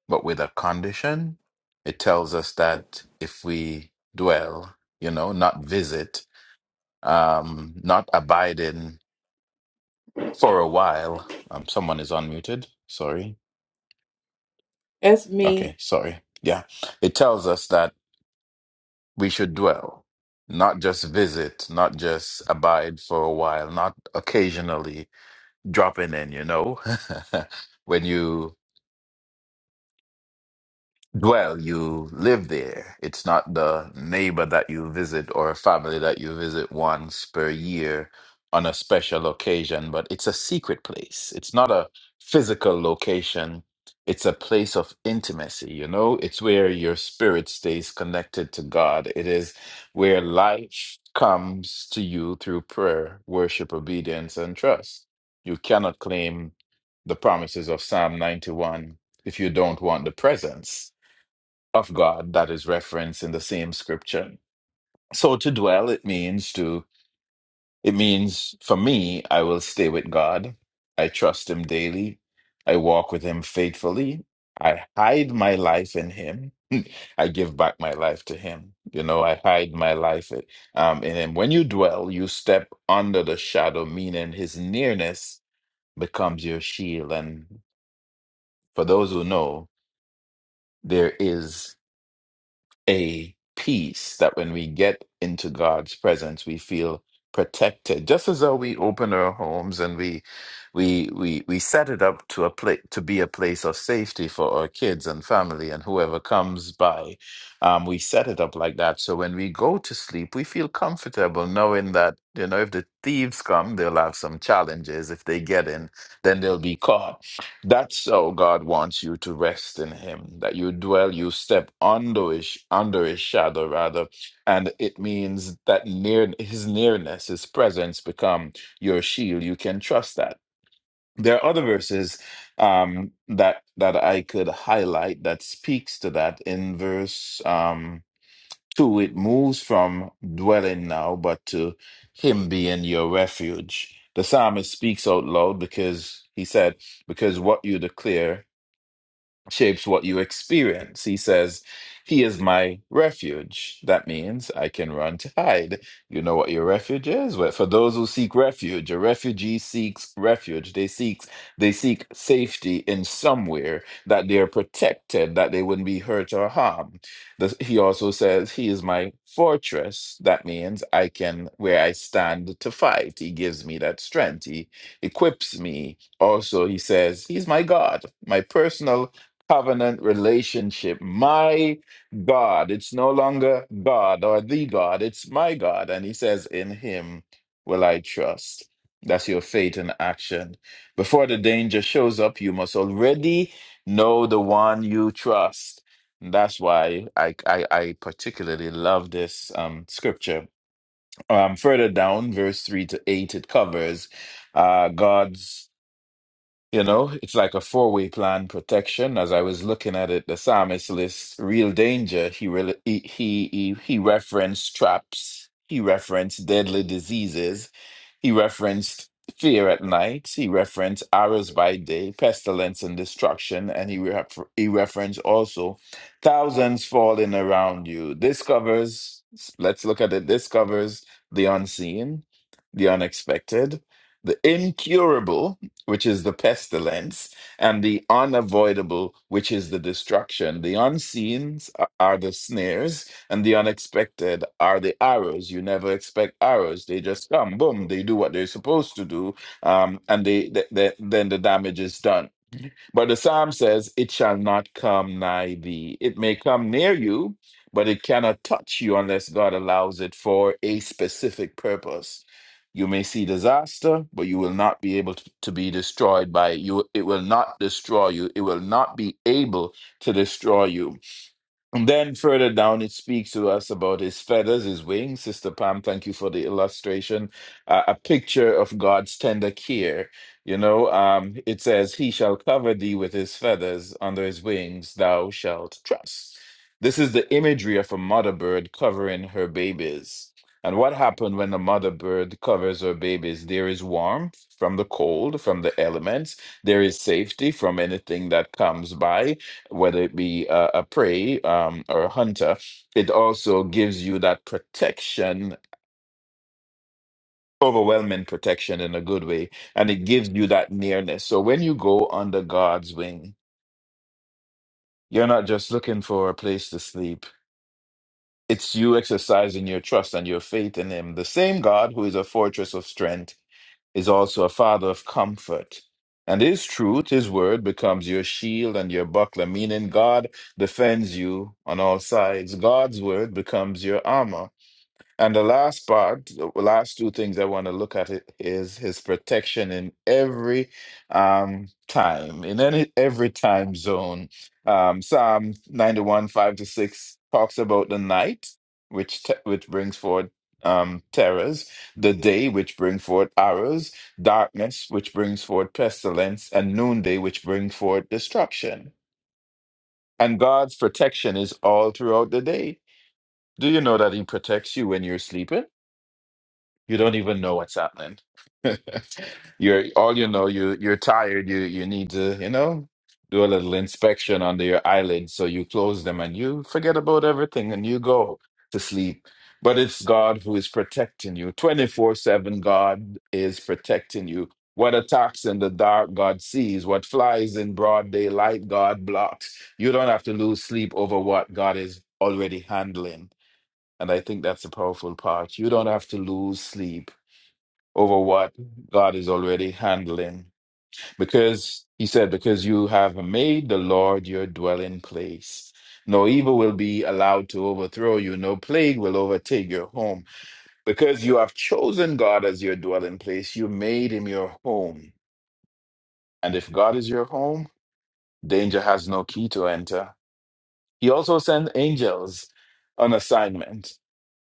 [SPEAKER 3] but with a condition. It tells us that if we dwell, you know, not visit, um, not abiding for a while. Um, someone is unmuted. Sorry.
[SPEAKER 1] That's
[SPEAKER 3] Okay,
[SPEAKER 1] me.
[SPEAKER 3] sorry. Yeah. It tells us that we should dwell, not just visit, not just abide for a while, not occasionally dropping in, you know. when you dwell, you live there. It's not the neighbor that you visit or a family that you visit once per year on a special occasion, but it's a secret place. It's not a physical location. It's a place of intimacy, you know? It's where your spirit stays connected to God. It is where life comes to you through prayer, worship, obedience, and trust. You cannot claim the promises of Psalm 91 if you don't want the presence of God that is referenced in the same scripture. So to dwell, it means to, it means for me, I will stay with God. I trust him daily. I walk with him faithfully. I hide my life in him. I give back my life to him. You know, I hide my life um, in him. When you dwell, you step under the shadow, meaning his nearness becomes your shield. And for those who know, there is. a peace that when we get into God's presence, we feel protected. Just as though we open our homes and we we we we set it up to a place to be a place of safety for our kids and family and whoever comes by. Um, we set it up like that. So when we go to sleep, we feel comfortable knowing that, you know, if the thieves come, they'll have some challenges. If they get in, then they'll be caught that's how God wants you to rest in Him, that you dwell, you step under His, under His shadow, rather. And it means that near His nearness, His presence become your shield. You can trust that. There are other verses um, that that I could highlight that speaks to that. In verse um, two, it moves from dwelling now, but to Him being your refuge. The psalmist speaks out loud because he said, "Because what you declare." shapes what you experience. He says, He is my refuge. That means I can run to hide. You know what your refuge is? Well, for those who seek refuge, a refugee seeks refuge. They seek they seek safety in somewhere that they are protected, that they wouldn't be hurt or harmed. The- he also says, He is my fortress. That means I can where I stand to fight. He gives me that strength. He equips me. Also, he says, He's my God, my personal covenant relationship. My God, it's no longer God or the God, it's my God. And he says, In him will I trust. That's your faith in action. Before the danger shows up, you must already know the one you trust. And That's why I, I, I particularly love this um, scripture. Um, further down, verse 3 to 8, it covers uh, God's you know, it's like a four-way plan protection. As I was looking at it, the psalmist lists real danger. He really he he he he referenced traps. He referenced deadly diseases. He referenced fear at night. He referenced arrows by day, pestilence and destruction, and he ref he referenced also thousands falling around you. This covers. Let's look at it. This covers the unseen, the unexpected, the incurable which is the pestilence, and the unavoidable, which is the destruction. The unseen are are the snares, and the unexpected are the arrows. You never expect arrows; they just come, boom. They do what they're supposed to do, um, and they, th- th- then the damage is done. But the psalm says, It shall not come nigh thee. It may come near you, but it cannot touch you unless God allows it for a specific purpose. You may see disaster, but you will not be able to, to be destroyed by it. You, it will not destroy you. It will not be able to destroy you and then further down, it speaks to us about his feathers, his wings. Sister Pam, thank you for the illustration. Uh, a picture of God's tender care. You know, um, it says, He shall cover thee with his feathers, under his wings thou shalt trust. This is the imagery of a mother bird covering her babies. And what happened when a mother bird covers her babies? There is warmth from the cold, from the elements. There is safety from anything that comes by whether it be a, a prey um, or a hunter, it also gives you that protection, overwhelming protection in a good way, and it gives you that nearness. So when you go under God's wing, you're not just looking for a place to sleep. It's you exercising your trust and your faith in Him, the same God who is a fortress of strength is also a father of comfort. And his truth, his word, becomes your shield and your buckler, meaning God defends you on all sides. God's word becomes your armor. And the last part, the last two things I want to look at it is his protection in every um, time, in any every time zone. Um, Psalm 91, 5 to 6 talks about the night, which te- which brings forth um, terrors, the day, which brings forth arrows, darkness, which brings forth pestilence, and noonday, which brings forth destruction. And God's protection is all throughout the day. Do you know that He protects you when you're sleeping? You don't even know what's happening. You're all you know, you you're tired, you you need to, you know, do a little inspection under your eyelids. So you close them and you forget about everything and you go to sleep. But it's God who is protecting you. 24/7 God is protecting you. What attacks in the dark, God sees. What flies in broad daylight, God blocks. You don't have to lose sleep over what God is already handling. And I think that's a powerful part. You don't have to lose sleep over what God is already handling. Because he said, Because you have made the Lord your dwelling place. No evil will be allowed to overthrow you, no plague will overtake your home. Because you have chosen God as your dwelling place, you made him your home. And if God is your home, danger has no key to enter. He also sends angels on assignment.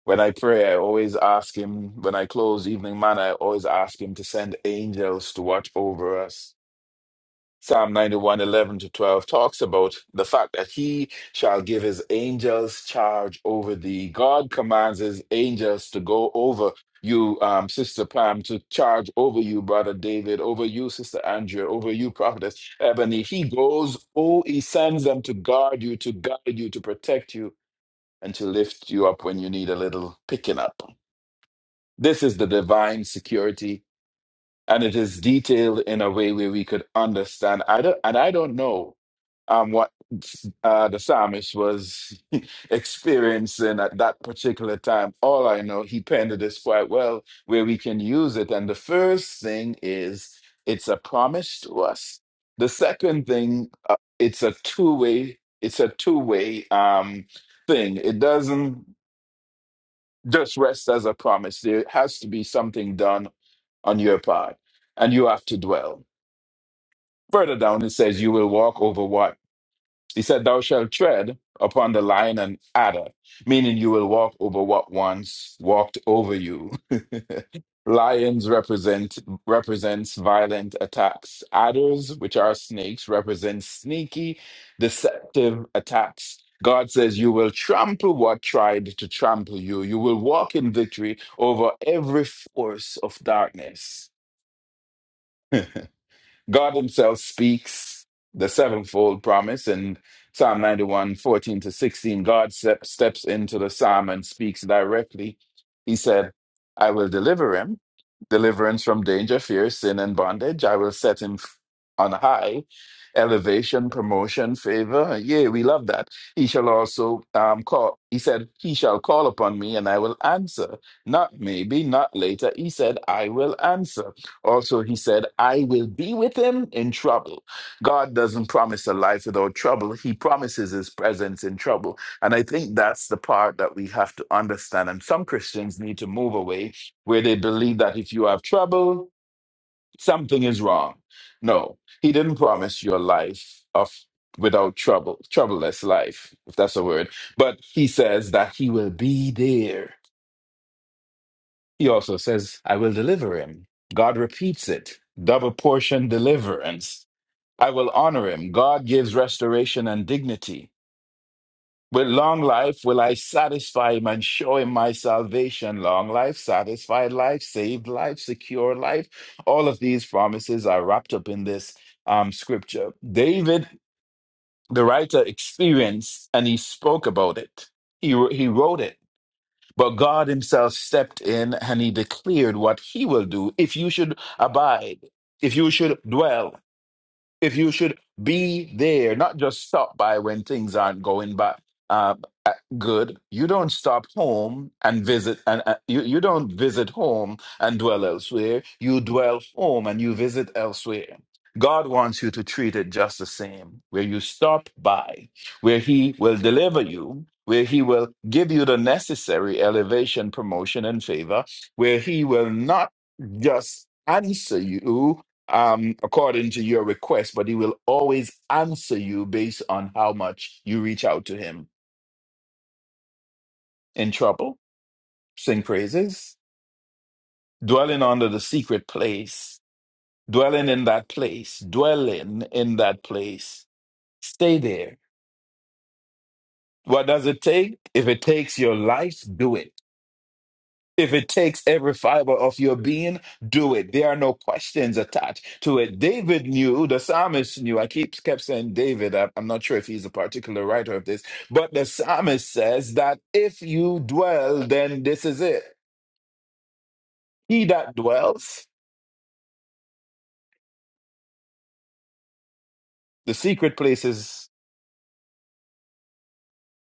[SPEAKER 3] When I pray, I always ask him, when I close evening manna, I always ask him to send angels to watch over us. Psalm 91 11 to 12 talks about the fact that he shall give his angels charge over thee. God commands his angels to go over you, um, Sister Pam, to charge over you, Brother David, over you, Sister Andrea, over you, Prophetess Ebony. He goes, oh, he sends them to guard you, to guide you, to protect you, and to lift you up when you need a little picking up. This is the divine security, and it is detailed in a way where we could understand. I don't, and I don't know um, what uh, the psalmist was experiencing at that particular time. All I know, he penned this quite well, where we can use it. And the first thing is it's a promise to us. The second thing, uh, it's a two-way. It's a two-way um, thing. It doesn't just rest as a promise. There has to be something done on your part, and you have to dwell. Further down, it says you will walk over he said, Thou shalt tread upon the lion and adder, meaning you will walk over what once walked over you. Lions represent represents violent attacks. Adders, which are snakes, represent sneaky, deceptive attacks. God says you will trample what tried to trample you. You will walk in victory over every force of darkness. God himself speaks the sevenfold promise in Psalm 91 14 to 16. God step, steps into the psalm and speaks directly. He said, I will deliver him, deliverance from danger, fear, sin, and bondage. I will set him f- on high, elevation, promotion, favor. Yeah, we love that. He shall also um, call, he said, He shall call upon me and I will answer. Not maybe, not later. He said, I will answer. Also, he said, I will be with him in trouble. God doesn't promise a life without trouble. He promises his presence in trouble. And I think that's the part that we have to understand. And some Christians need to move away where they believe that if you have trouble, something is wrong. No, he didn't promise you a life of without trouble, troubleless life, if that's a word. But he says that he will be there. He also says, I will deliver him. God repeats it double portion deliverance. I will honor him. God gives restoration and dignity. With long life will I satisfy him and show him my salvation. Long life, satisfied life, saved life, secure life. All of these promises are wrapped up in this um, scripture. David, the writer, experienced and he spoke about it. He, he wrote it but God himself stepped in and he declared what he will do if you should abide, if you should dwell if you should be there, not just stop by when things aren't going back um, uh, good. You don't stop home and visit, and uh, you you don't visit home and dwell elsewhere. You dwell home and you visit elsewhere. God wants you to treat it just the same, where you stop by, where He will deliver you, where He will give you the necessary elevation, promotion, and favor, where He will not just answer you, um, according to your request, but he will always answer you based on how much you reach out to him. In trouble, sing praises, dwelling under the secret place, dwelling in that place, dwelling in that place. Stay there. What does it take? If it takes your life, do it. If it takes every fiber of your being, do it. There are no questions attached to it. David knew, the psalmist knew. I keep kept saying David. I- I'm not sure if he's a particular writer of this, but the psalmist says that if you dwell, then this is it. He that dwells, the secret place is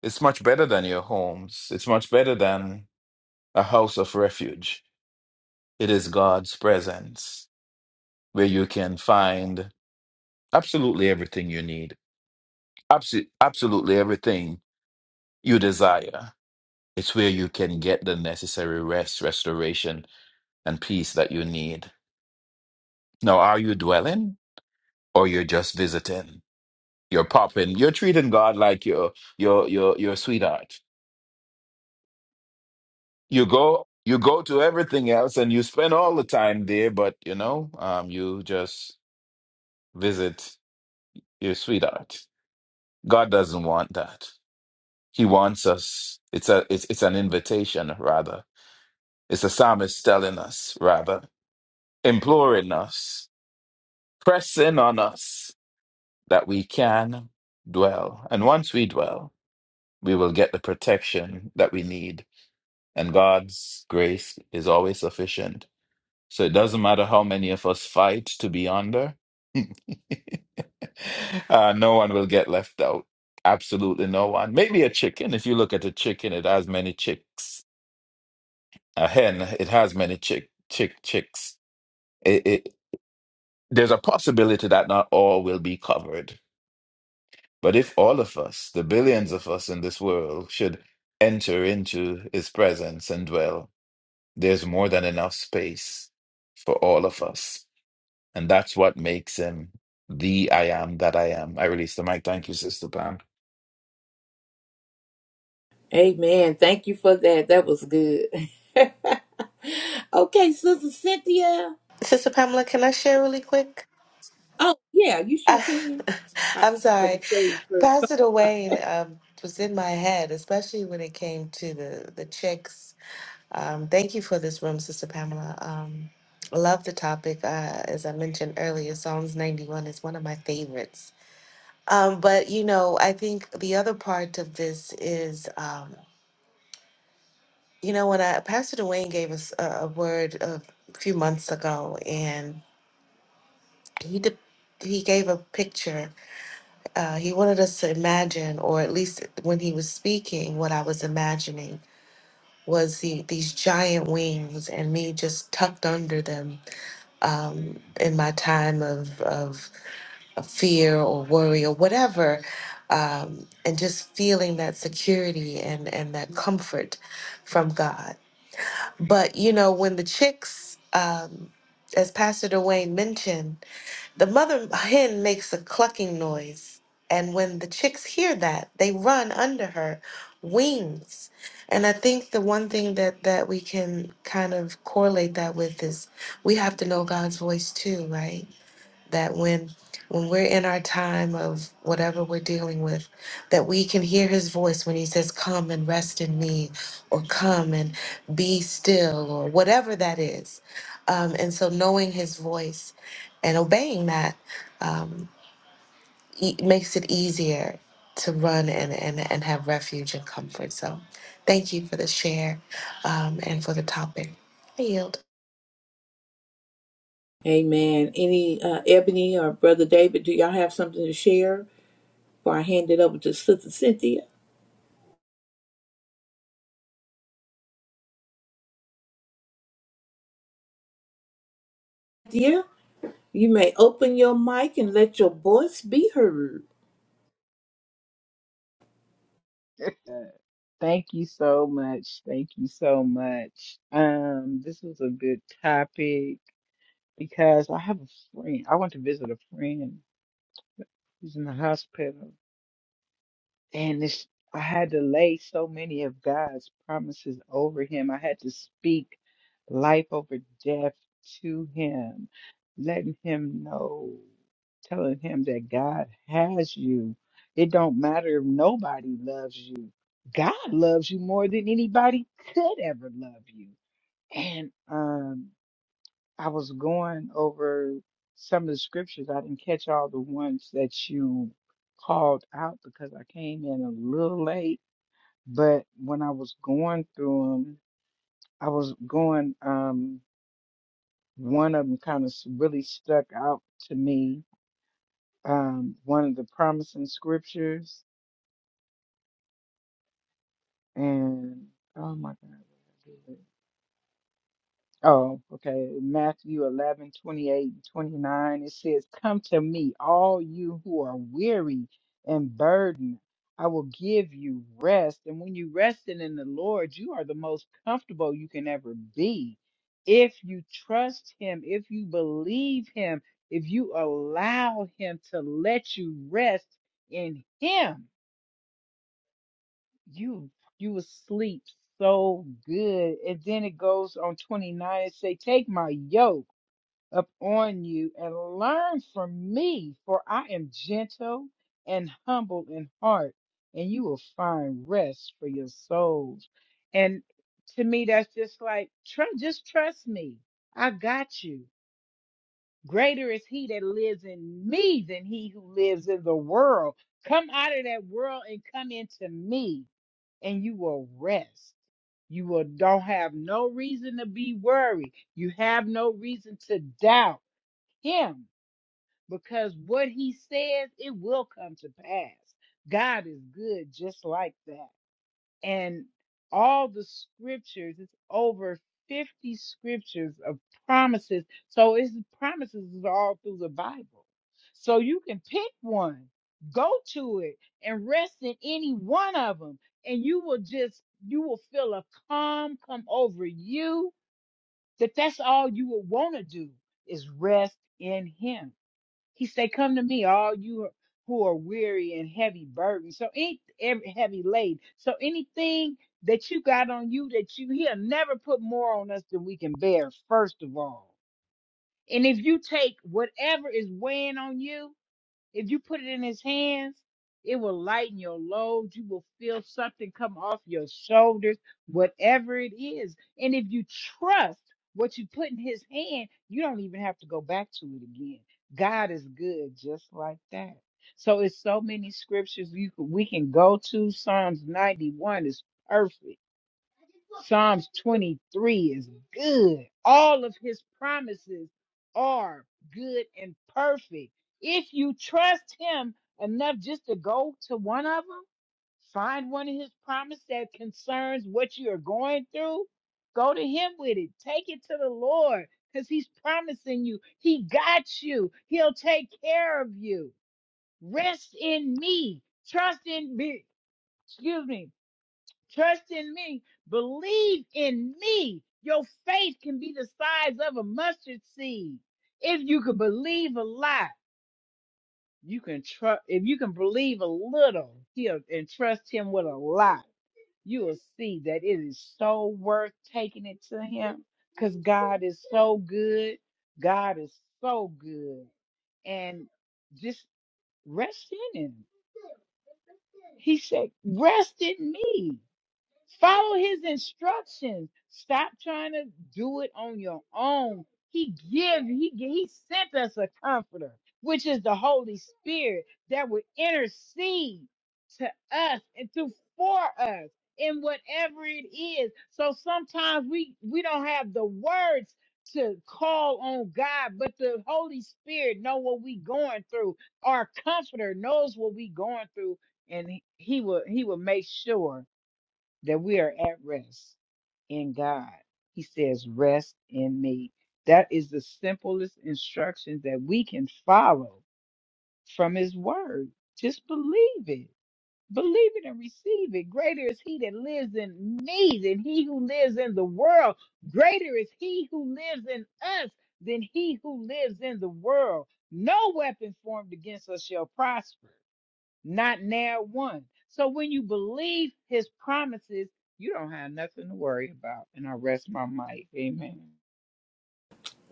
[SPEAKER 3] it's much better than your homes. It's much better than a house of refuge. It is God's presence where you can find absolutely everything you need. Absolutely, absolutely everything you desire. It's where you can get the necessary rest, restoration, and peace that you need. Now, are you dwelling or you're just visiting? You're popping. You're treating God like your your your your sweetheart. You go you go to everything else and you spend all the time there, but you know, um, you just visit your sweetheart. God doesn't want that. He wants us. It's a it's it's an invitation rather. It's a psalmist telling us rather imploring us press in on us that we can dwell. And once we dwell, we will get the protection that we need. And God's grace is always sufficient. So it doesn't matter how many of us fight to be under, uh, no one will get left out. Absolutely no one. Maybe a chicken. If you look at a chicken, it has many chicks. A hen, it has many chick, chick, chicks. It, it, there's a possibility that not all will be covered But if all of us, the billions of us in this world, should enter into his presence and dwell, there's more than enough space for all of us. And that's what makes him the I am that I am. I release the mic. Thank you, Sister Pam.
[SPEAKER 1] Amen. Thank you for that. That was good. okay, Sister Cynthia.
[SPEAKER 2] Sister Pamela, can I share really quick?
[SPEAKER 1] Oh, yeah, you sure
[SPEAKER 2] I,
[SPEAKER 1] can. I
[SPEAKER 2] I'm
[SPEAKER 1] for
[SPEAKER 2] sorry.
[SPEAKER 1] the stage first.
[SPEAKER 2] Pastor Dwayne um, was in my head, especially when it came to the, the chicks Um, thank you for this room, Sister Pamela. Um, I love the topic. Uh, as I mentioned earlier, Psalms 91 is one of my favorites. Um, but, you know, I think the other part of this is, um, you know, when I, Pastor Dwayne gave us a, a word a few months ago, and he de- he gave a picture. Uh, he wanted us to imagine, or at least when he was speaking, what I was imagining was the, these giant wings and me just tucked under them um, in my time of, of, of fear or worry or whatever, um, and just feeling that security and, and that comfort from God. But, you know, when the chicks, um, as Pastor Dwayne mentioned, the mother hen makes a clucking noise, and when the chicks hear that, they run under her wings. And I think the one thing that that we can kind of correlate that with is we have to know God's voice too, right? that when when we're in our time of whatever we're dealing with that we can hear his voice when he says come and rest in me or come and be still or whatever that is um, and so knowing his voice and obeying that um, e- makes it easier to run and, and, and have refuge and comfort so thank you for the share um, and for the topic i yield
[SPEAKER 1] Amen. Any uh, Ebony or Brother David, do y'all have something to share before I hand it over to Sister Cynthia? Dear, you may open your mic and let your voice be heard.
[SPEAKER 5] Thank you so much. Thank you so much. Um, this was a good topic because I have a friend. I went to visit a friend who's in the hospital. And it's, I had to lay so many of God's promises over him. I had to speak life over death to him, letting him know, telling him that God has you. It don't matter if nobody loves you. God loves you more than anybody could ever love you. And um I was going over some of the scriptures. I didn't catch all the ones that you called out because I came in a little late. But when I was going through them, I was going, um, one of them kind of really stuck out to me. Um, one of the promising scriptures. And oh my God. Oh, okay. Matthew 11, twenty-eight, and 29. It says, Come to me, all you who are weary and burdened. I will give you rest. And when you resting in the Lord, you are the most comfortable you can ever be. If you trust Him, if you believe Him, if you allow Him to let you rest in Him, you you will sleep so good. And then it goes on 29 and say, Take my yoke upon you and learn from me, for I am gentle and humble in heart, and you will find rest for your souls. And to me, that's just like, tru- just trust me. I got you. Greater is he that lives in me than he who lives in the world. Come out of that world and come into me, and you will rest. You will don't have no reason to be worried. You have no reason to doubt him because what he says it will come to pass god is good just like that and all the scriptures it's over 50 scriptures of promises so it's promises is all through the bible so you can pick one go to it and rest in any one of them and you will just you will feel a calm come over you that that's all you will want to do is rest in him he said, Come to me, all you who are weary and heavy burdened. So any every heavy laden. So anything that you got on you that you he'll never put more on us than we can bear, first of all. And if you take whatever is weighing on you, if you put it in his hands, it will lighten your load. You will feel something come off your shoulders, whatever it is. And if you trust what you put in his hand, you don't even have to go back to it again. God is good just like that. So it's so many scriptures you can, we can go to. Psalms 91 is perfect. Psalms 23 is good. All of his promises are good and perfect. If you trust him enough just to go to one of them, find one of his promises that concerns what you are going through, go to him with it. Take it to the Lord because he's promising you. He got you, he'll take care of you. Rest in me. Trust in me. Excuse me Trust in me. Believe in me. Your faith can be the size of a mustard seed. If you can believe a lot, you can trust. If you can believe a little here and trust Him with a lot, you will see that it is so worth taking it to Him because God is so good. God is so good. And just rest in Him. He said, Rest in me. Follow his instructions. Stop trying to do it on your own. He give, he gi- he sent us a comforter, which is the Holy Spirit that will intercede to us and to for us in whatever it is. So sometimes we we don't have the words to call on God, but the Holy Spirit know what we going through. Our comforter knows what we going through and he he will he will make sure that we are at rest in God. He says, Rest in me. That is the simplest instruction that we can follow from His Word. Just believe it. Believe it and receive it. Greater is He that lives in me than He who lives in the world. Greater is He who lives in us than He who lives in the world. No weapon formed against us shall prosper not near one. So when you believe his promises, you don't have nothing to worry about. And I rest my mic. Amen.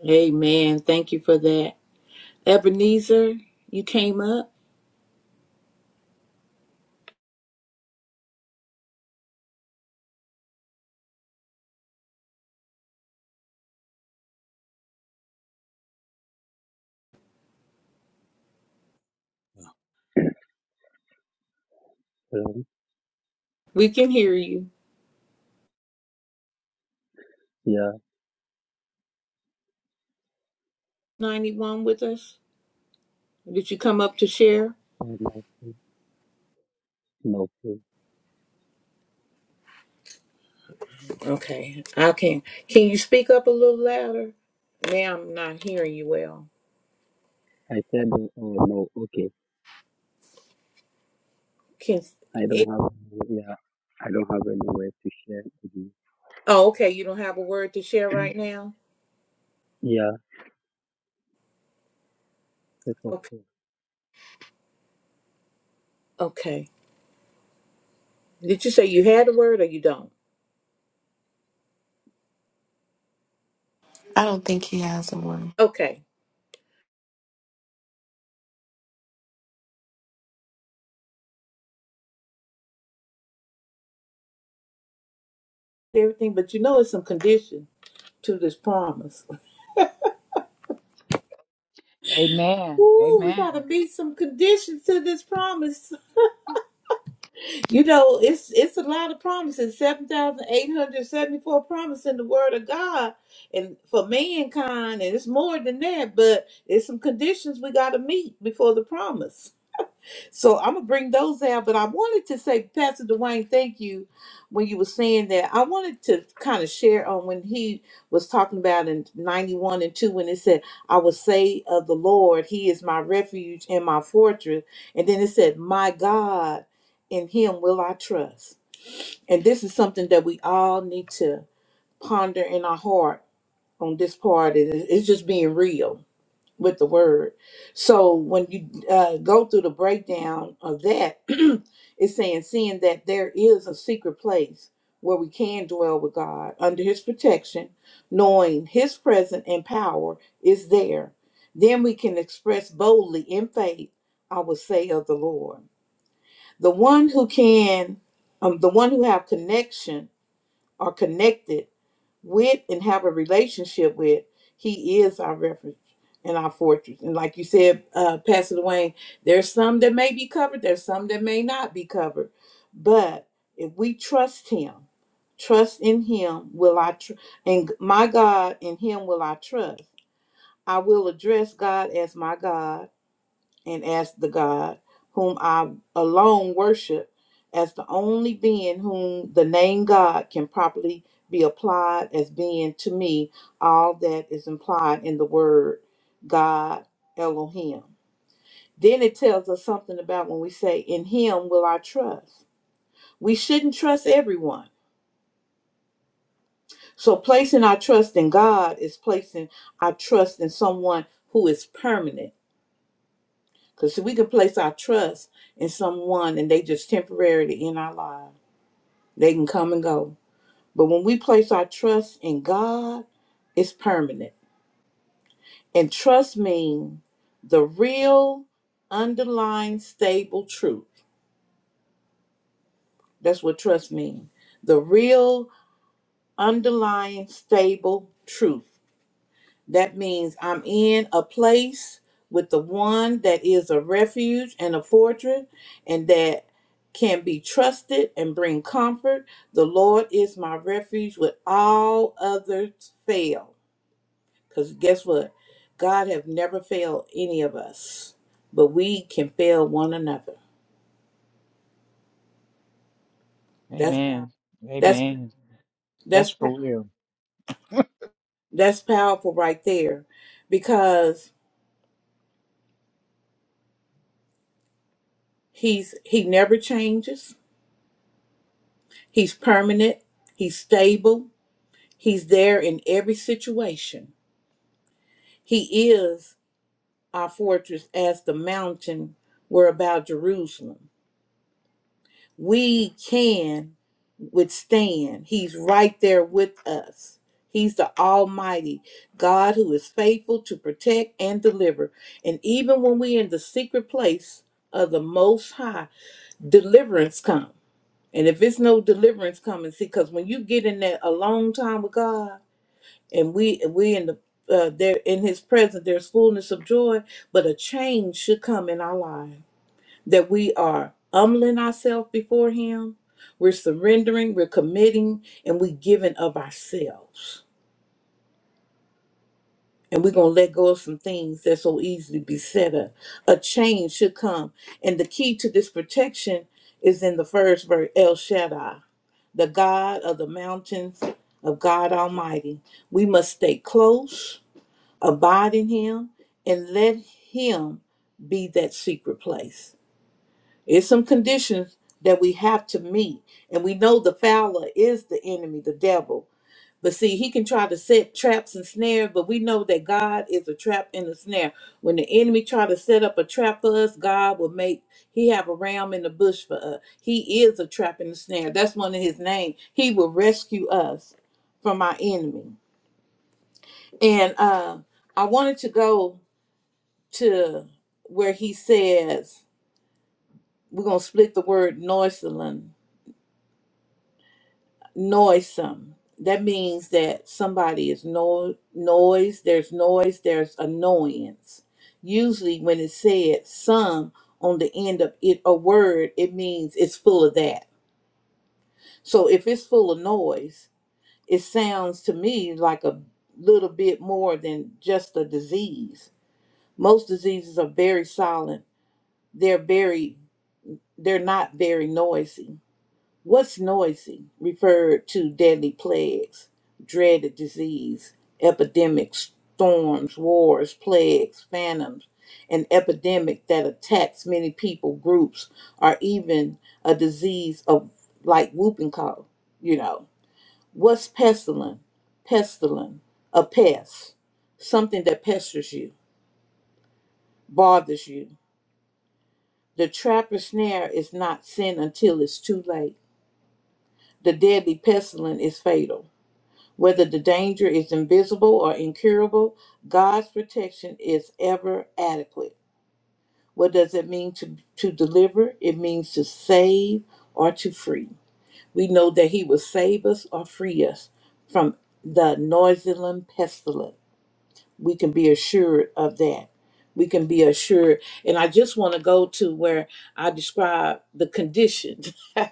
[SPEAKER 1] Amen. Thank you for that. Ebenezer, you came up.
[SPEAKER 6] Um,
[SPEAKER 1] We can hear you.
[SPEAKER 6] yeah,
[SPEAKER 1] 91 with us. Did you come up to share?
[SPEAKER 6] uh, no, no. please.
[SPEAKER 1] Okay. I can. Can you speak up a little louder? Now I'm not hearing you well.
[SPEAKER 6] I said, uh, oh no, okay.
[SPEAKER 1] Can
[SPEAKER 6] I don't have, yeah, I don't have anywhere to share with you.
[SPEAKER 1] Oh, okay. You don't have a word to share right now?
[SPEAKER 6] Yeah, yes, of
[SPEAKER 1] Okay.
[SPEAKER 6] course.
[SPEAKER 1] Okay. Did you say you had a word or you don't?
[SPEAKER 2] i don't think he has a one
[SPEAKER 1] Okay. Everything, but you know it's some condition to this promise.
[SPEAKER 5] Amen.
[SPEAKER 1] Ooh, we gotta
[SPEAKER 5] Amen.
[SPEAKER 1] be some conditions to this promise. You know, it's it's a lot of promises. Seven thousand eight hundred seventy-four promises in the Word of God, and for mankind, and it's more than that. But there's some conditions we gotta meet before the promise. So I'm gonna bring those out, but I wanted to say, Pastor Dwayne, thank you when you were saying that. I wanted to kind of share on when he was talking about in 91 and 2 when it said, I will say of the Lord, He is my refuge and my fortress. And then it said, My God, in Him will I trust. And this is something that we all need to ponder in our heart on this part. It- It's just being real with the word. So when you uh, go through the breakdown of that, it's saying, seeing that there is a secret place where we can dwell with God under His protection, knowing His presence and power is there, then we can express boldly in faith, I would say, of the Lord. The one who can, um, the one who have connection are connected with and have a relationship with, He is our refuge and our fortress. And like you said, uh, Pastor Dwayne, there's some that may be covered, there's some that may not be covered. But if we trust Him, trust in Him, will I, tr- and my God in Him will I trust. I will address God as my God and as the God whom I alone worship, as the only being whom the name God can properly be applied as being to me all that is implied in the word God Elohim. Then it tells us something about when we say, In Him will I trust. We shouldn't trust everyone. So placing our trust in God is placing our trust in someone who is permanent Because we could place our trust in someone and they just temporarily in our lives. They can come and go. But when we place our trust in God, it's permanent. And trust means the real underlying stable truth. That's what trust means. The real underlying stable truth. That means I'm in a place with the one that is a refuge and a fortress and that can be trusted and bring comfort. The Lord is my refuge when all others fail. Because guess what? God have never failed any of us, but we can fail one another. That's
[SPEAKER 5] Amen.
[SPEAKER 1] power. That's
[SPEAKER 5] Amen. That's
[SPEAKER 1] that's
[SPEAKER 5] for real.
[SPEAKER 1] that's powerful right there because he's he never changes He's permanent, he's stable, he's there in every situation. He is our fortress as the mountain were about Jerusalem. We can withstand. He's right there with us. He's the Almighty God who is faithful to protect and deliver. And even when we're in the secret place of the Most High, deliverance comes. And if it's no deliverance coming, see, because when you get in that a long time with God, and we we in the uh, there in his presence there's fullness of joy but a change should come in our life that we are humbling ourselves before him we're surrendering we're committing and we giving of ourselves and we're going to let go of some things that so easily beset us a change should come and the key to this protection is in the first verse el shaddai the god of the mountains of god almighty we must stay close abide in him and let him be that secret place it's some conditions that we have to meet and we know the fowler is the enemy the devil but see he can try to set traps and snares but we know that god is a trap and a snare when the enemy try to set up a trap for us god will make he have a ram in the bush for us he is a trap and a snare that's one of his name he will rescue us from our enemy and uh i wanted to go to where he says we're going to split the word noisome noisome that means that somebody is no noise there's noise there's annoyance usually when it said some on the end of it a word it means it's full of that so if it's full of noise it sounds to me like a little bit more than just a disease most diseases are very silent they're very they're not very noisy What's noisy referred to deadly plagues, dreaded disease, epidemics, storms, wars, plagues, phantoms, an epidemic that attacks many people, groups, or even a disease of like whooping cough, you know. What's pestilent? Pestilent, a pest, something that pesters you, bothers you. The trap or snare is not sin until it's too late. The deadly pestilence is fatal Whether the danger is invisible or incurable, God's protection is ever adequate. What does it mean to, to deliver? It means to save or to free. We know that He will save us or free us from the Noisilum pestilence we can be assured of that. We can be assured. And I just want to go to where I describe the condition.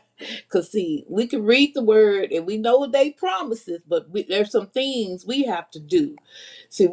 [SPEAKER 1] Because, see, we can read the word and we know they promises, but we, there's some things we have to do. See,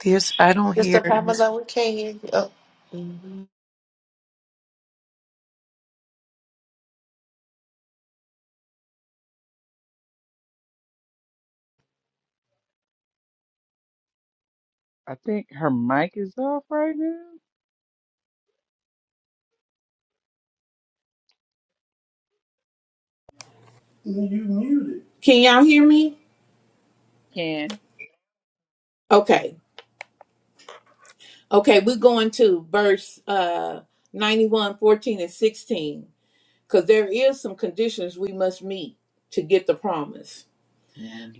[SPEAKER 7] There's, I don't hear
[SPEAKER 2] mr pamela we can't hear you oh.
[SPEAKER 5] I think her mic is off right now.
[SPEAKER 1] can y'all hear me?
[SPEAKER 5] Can.
[SPEAKER 1] Okay. Okay, we're going to verse uh, 91 14 and 16. Because there is some conditions we must meet to get the promise.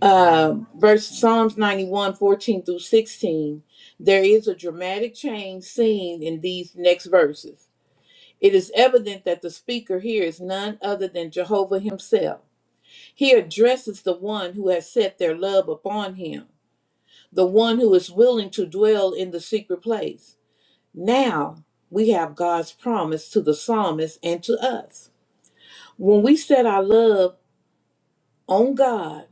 [SPEAKER 1] uh, verse
[SPEAKER 5] fourteen.
[SPEAKER 1] Psalms 91 14 through 16, there is a dramatic change seen in these next verses. It is evident that the speaker here is none other than Jehovah himself. He addresses the one who has set their love upon him, the one who is willing to dwell in the secret place. Now we have God's promise to the psalmist and to us. When we set our love on God,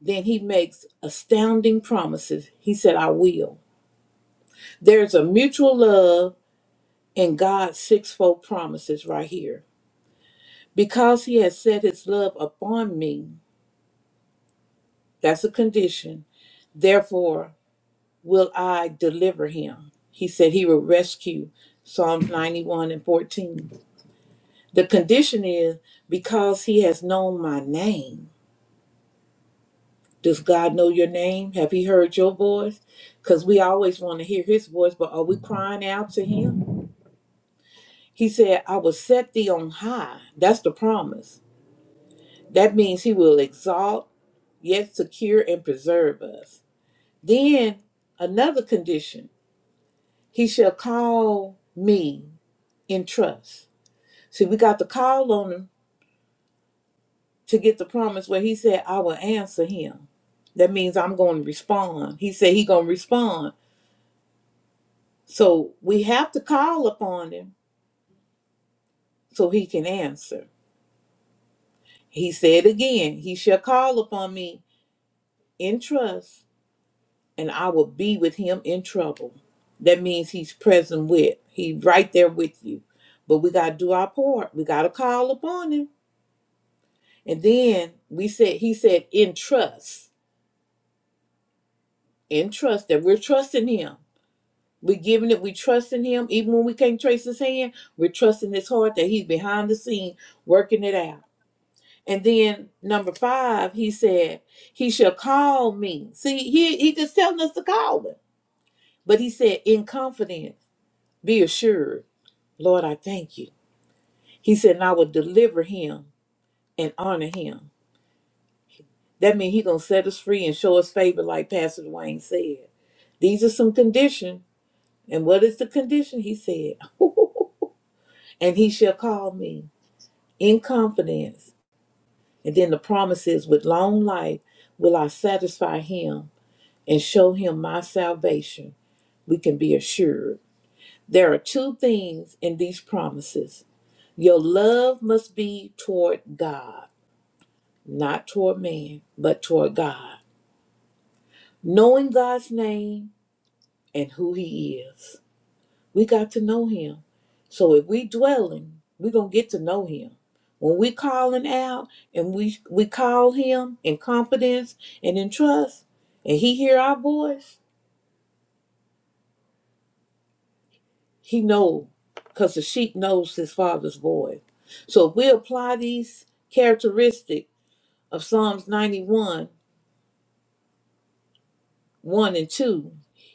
[SPEAKER 1] Then he makes astounding promises. He said, I will. There's a mutual love in God's sixfold promises right here. Because he has set his love upon me, that's a condition, therefore will I deliver him. He said he will rescue. Psalm 91 and 14. The condition is because he has known my name. Does God know your name? Have he heard your voice? Because we always want to hear his voice, but are we crying out to him? He said, I will set thee on high. That's the promise. That means he will exalt, yet secure and preserve us. Then another condition, he shall call me in trust. See, we got to call on him to get the promise where he said, I will answer him. That means I'm going to respond. He said He's going to respond. So we have to call upon him so he can answer. He said again, he shall call upon me in trust and I will be with him in trouble. That means he's present with. He's right there with you. But we gotta do our part. We gotta call upon him. And then we said he said in trust. In trust that we're trusting him. We're giving it, we trusting him. Even when we can't trace his hand, we're trusting his heart that he's behind the scene working it out. And then number five, he said, He shall call me. See, he he just telling us to call him. But he said, in confidence, be assured. Lord, I thank you. He said, and I will deliver him and honor him. That means he's going to set us free and show us favor, like Pastor Wayne said. These are some condition. And what is the condition? He said, and he shall call me in confidence. And then the promise is, with long life will I satisfy him and show him my salvation. We can be assured. There are two things in these promises. Your love must be toward God not toward man, but toward God. Knowing God's name and who He is. We got to know Him. So if we dwelling, we're gonna get to know Him. When we calling out and we we call Him in confidence and in trust, and He hear our voice, He know, cause the sheep knows His Father's voice. So if we apply these characteristics of Psalms 91 1 and 2.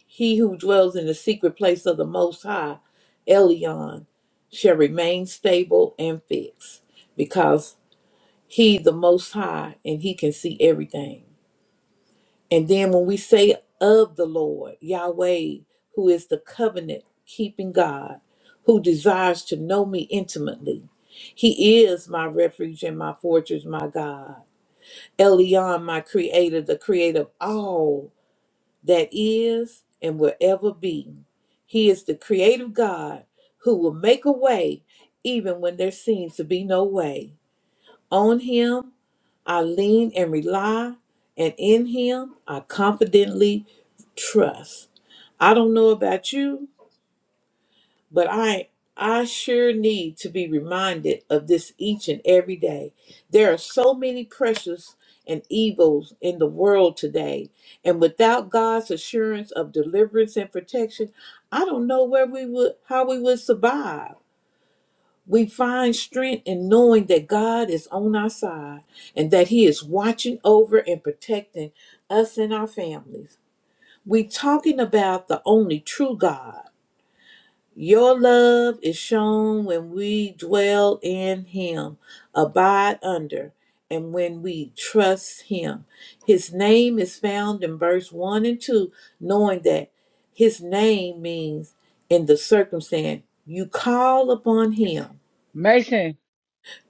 [SPEAKER 1] He who dwells in the secret place of the Most High, Elion, shall remain stable and fixed because he the Most High and he can see everything. And then when we say of the Lord, Yahweh, who is the covenant keeping God, who desires to know me intimately, he is my refuge and my fortress, my God. Elion, my creator, the creator of all that is and will ever be. He is the creative God who will make a way even when there seems to be no way. On Him, I lean and rely, and in Him, I confidently trust. I don't know about you, but I I sure need to be reminded of this each and every day. There are so many pressures and evils in the world today, and without God's assurance of deliverance and protection, I don't know where we would how we would survive. We find strength in knowing that God is on our side and that he is watching over and protecting us and our families. We talking about the only true God your love is shown when we dwell in Him, abide under, and when we trust Him. His name is found in verse 1 and 2, knowing that His name means in the circumstance you call upon Him.
[SPEAKER 5] Mason,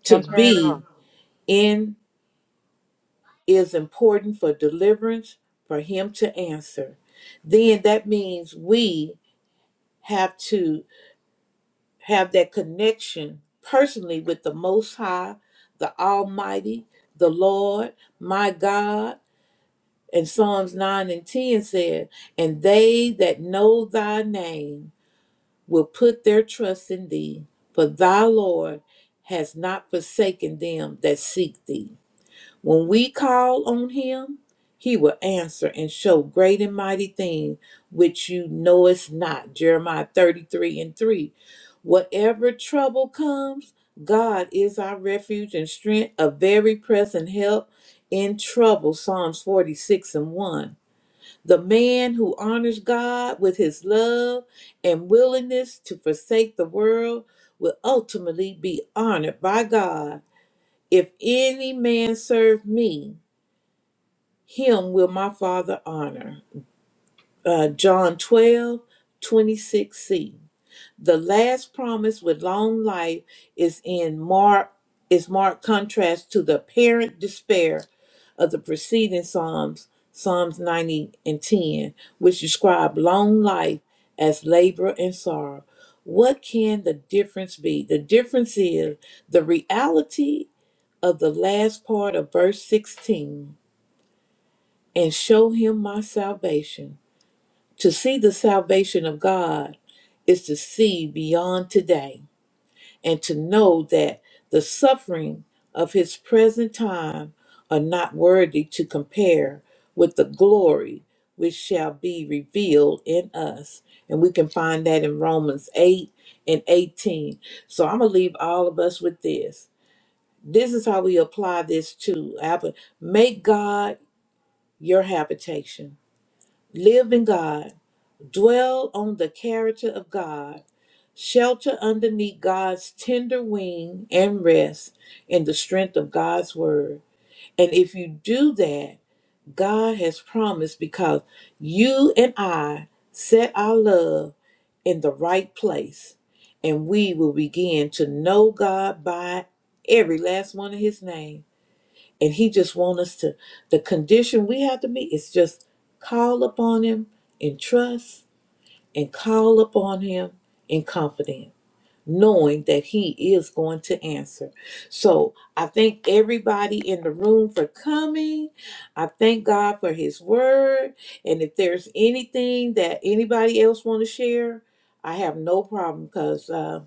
[SPEAKER 1] To
[SPEAKER 5] come turn it
[SPEAKER 1] be
[SPEAKER 5] off.
[SPEAKER 1] in is important for deliverance, for Him to answer. Then that means we have to. have that connection personally with the Most High, the Almighty, the Lord, my God. And Psalms 9 and 10 said, And they that know thy name will put their trust in thee, for thy Lord has not forsaken them that seek thee. When we call on him, he will answer and show great and mighty things which you knowest not. Jeremiah 33 and 3. Whatever trouble comes, God is our refuge and strength, a very present help in trouble. Psalms 46 and 1. The man who honors God with his love and willingness to forsake the world will ultimately be honored by God. If any man serve me, him will my Father honor. Uh, John twelve twenty six c The last promise with long life is in mark is marked contrast to the apparent despair of the preceding Psalms, Psalms 90 and 10, which describe long life as labor and sorrow. What can the difference be? The difference is the reality of the last part of verse 16 and show him my salvation. To see the salvation of God is to see beyond today and to know that the suffering of his present time are not worthy to compare with the glory which shall be revealed in us. And we can find that in Romans 8 and 18. So I'm going to leave all of us with this. This is how we apply this to Apple. Make God your habitation Live in God, dwell on the character of God, shelter underneath God's tender wing, and rest in the strength of God's word. And if you do that, God has promised because you and I set our love in the right place, and we will begin to know God by every last one of his name and he just want us to the condition we have to meet is just call upon him in trust and call upon him in confidence knowing that he is going to answer so i thank everybody in the room for coming i thank god for his word and if there's anything that anybody else want to share i have no problem because uh,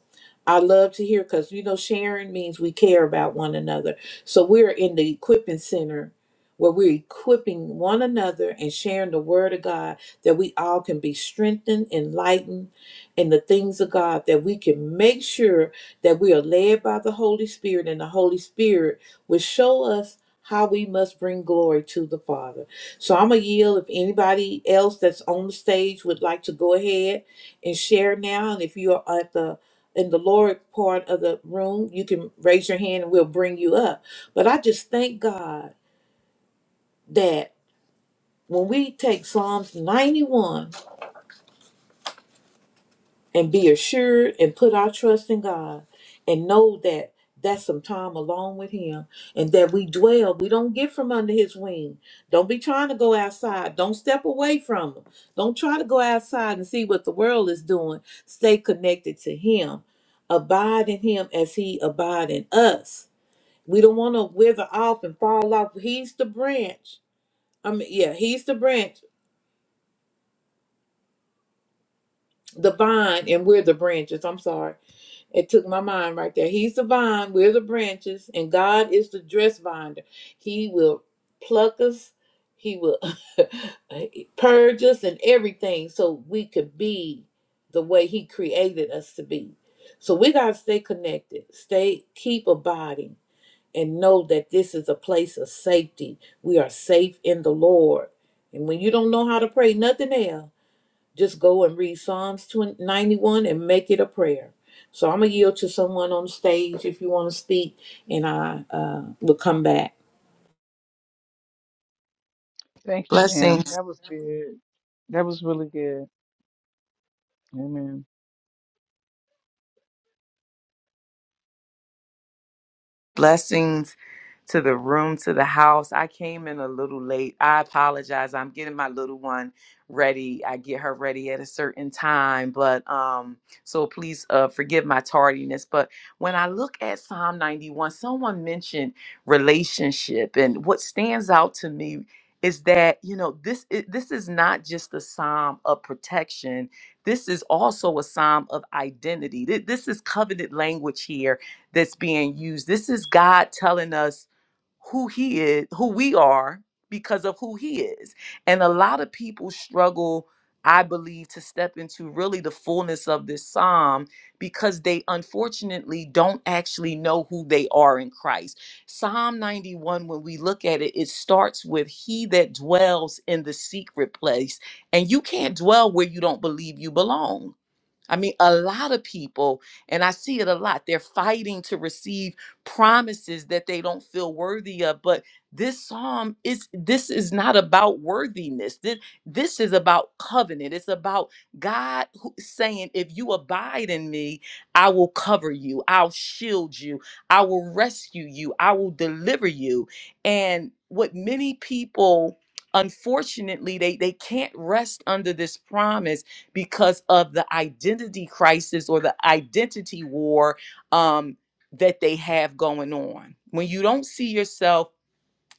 [SPEAKER 1] I love to hear because you know sharing means we care about one another. So we're in the equipping center where we're equipping one another and sharing the word of God that we all can be strengthened, enlightened in the things of God, that we can make sure that we are led by the Holy Spirit and the Holy Spirit will show us how we must bring glory to the Father. So I'm going to yield if anybody else that's on the stage would like to go ahead and share now. And if you are at the in the lower part of the room, you can raise your hand and we'll bring you up. But I just thank God that when we take Psalms 91 and be assured and put our trust in God and know that that's some time along with Him and that we dwell, we don't get from under His wing. Don't be trying to go outside. Don't step away from Him. Don't try to go outside and see what the world is doing. Stay connected to Him. Abide in Him as He abide in us We don't want to wither off and fall off. He's the branch. I mean, yeah, he's the branch, the vine, and we're the branches. I'm sorry. It took my mind right there. He's the vine, we're the branches, and God is the dress binder. He will pluck us, He will purge us, and everything so we could be the way He created us to be. So we got to stay connected, stay, keep abiding and know that this is a place of safety. We are safe in the Lord. And when you don't know how to pray, nothing else, just go and read Psalms 20 91 and make it a prayer. So I'm going to yield to someone on stage if you want to speak, and I uh, will come back.
[SPEAKER 5] Thank you, Pam.
[SPEAKER 7] blessings.
[SPEAKER 5] That was good. That was really good. Amen.
[SPEAKER 7] blessings to the room, to the house. I came in a little late. I apologize. I'm getting my little one ready. I get her ready at a certain time, but um so please uh forgive my tardiness, but when I look at Psalm 91, someone mentioned relationship and what stands out to me is that, you know, this i- this is not just a psalm of protection. This is also a psalm of identity. Th- This is covenant language here that's being used. This is God telling us who He is, who we are, because of who He is. And a lot of people struggle, I believe, to step into really the fullness of this psalm because they unfortunately don't actually know who they are in Christ. Psalm 91, when we look at it, it starts with He that dwells in the secret place. And you can't dwell where you don't believe you belong I mean, a lot of people, and I see it a lot, they're fighting to receive promises that they don't feel worthy of. But this psalm is this is not about worthiness. This, this is about covenant. It's about God who- saying, if you abide in me, I will cover you, I'll shield you, I will rescue you, I will deliver you. And what many people unfortunately they they can't rest under this promise because of the identity crisis or the identity war um, that they have going on. When you don't see yourself